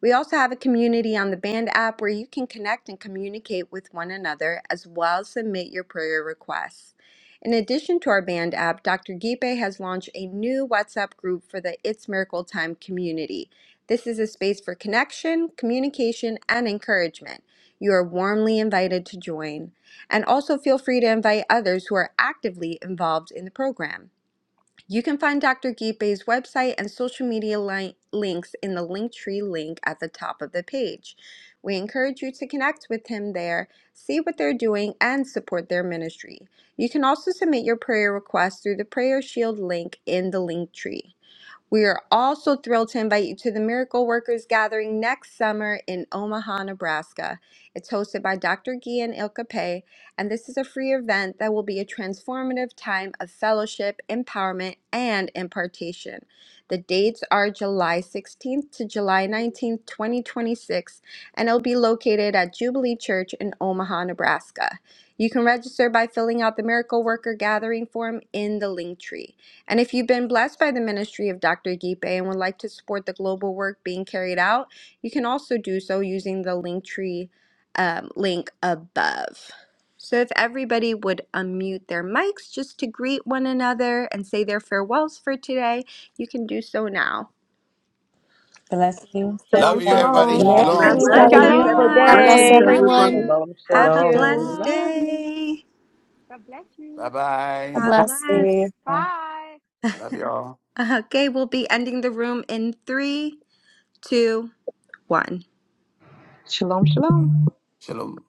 [SPEAKER 10] We also have a community on the Band app where you can connect and communicate with one another as well as submit your prayer requests. In addition to our Band app, Dr. Gipe has launched a new WhatsApp group for the It's Miracle Time community. This is a space for connection, communication, and encouragement. You are warmly invited to join. And also feel free to invite others who are actively involved in the program. You can find Dr. Gipe's website and social media li- links in the Linktree link at the top of the page. We encourage you to connect with him there, see what they're doing, and support their ministry. You can also submit your prayer request through the Prayer Shield link in the Linktree. We are also thrilled to invite you to the Miracle Workers Gathering next summer in Omaha, Nebraska. It's hosted by Dr. Gian Ilkape, and this is a free event that will be a transformative time of fellowship, empowerment, and impartation. The dates are July 16th to July 19th, 2026, and it'll be located at Jubilee Church in Omaha, Nebraska. You can register by filling out the Miracle Worker Gathering form in the link tree. And if you've been blessed by the ministry of Dr. Gipe and would like to support the global work being carried out, you can also do so using the Linktree um, link above. So, if everybody would unmute their mics just to greet one another and say their farewells for today, you can do so now.
[SPEAKER 9] Blessings to
[SPEAKER 11] Shalom,
[SPEAKER 1] Love you,
[SPEAKER 9] everyone. Love
[SPEAKER 1] everybody.
[SPEAKER 3] And
[SPEAKER 11] shalom.
[SPEAKER 3] I
[SPEAKER 9] you
[SPEAKER 10] God
[SPEAKER 1] Shalom.
[SPEAKER 3] Thank
[SPEAKER 4] Blessings.
[SPEAKER 10] bless
[SPEAKER 4] Have a
[SPEAKER 8] Blessings.
[SPEAKER 11] Blessings,
[SPEAKER 4] beautiful
[SPEAKER 3] everyone.
[SPEAKER 5] Shalom.
[SPEAKER 12] God bless
[SPEAKER 8] Blessings,
[SPEAKER 11] everyone.
[SPEAKER 4] day.
[SPEAKER 10] everyone.
[SPEAKER 5] Love
[SPEAKER 12] everyone.
[SPEAKER 8] everybody.
[SPEAKER 5] you.
[SPEAKER 3] Shalom,
[SPEAKER 11] Love
[SPEAKER 10] Have a
[SPEAKER 3] shalom.
[SPEAKER 11] you.
[SPEAKER 10] blessed
[SPEAKER 5] Shalom.
[SPEAKER 3] Love
[SPEAKER 10] day.
[SPEAKER 5] God bless
[SPEAKER 1] Bye
[SPEAKER 5] you.
[SPEAKER 12] God
[SPEAKER 1] bye.
[SPEAKER 10] God
[SPEAKER 12] bless.
[SPEAKER 3] you.
[SPEAKER 10] bless.
[SPEAKER 9] all.
[SPEAKER 5] Bye.
[SPEAKER 1] Love y'all.
[SPEAKER 10] Okay, we'll be ending the room in three, two, one.
[SPEAKER 11] Shalom, shalom.
[SPEAKER 1] Shalom.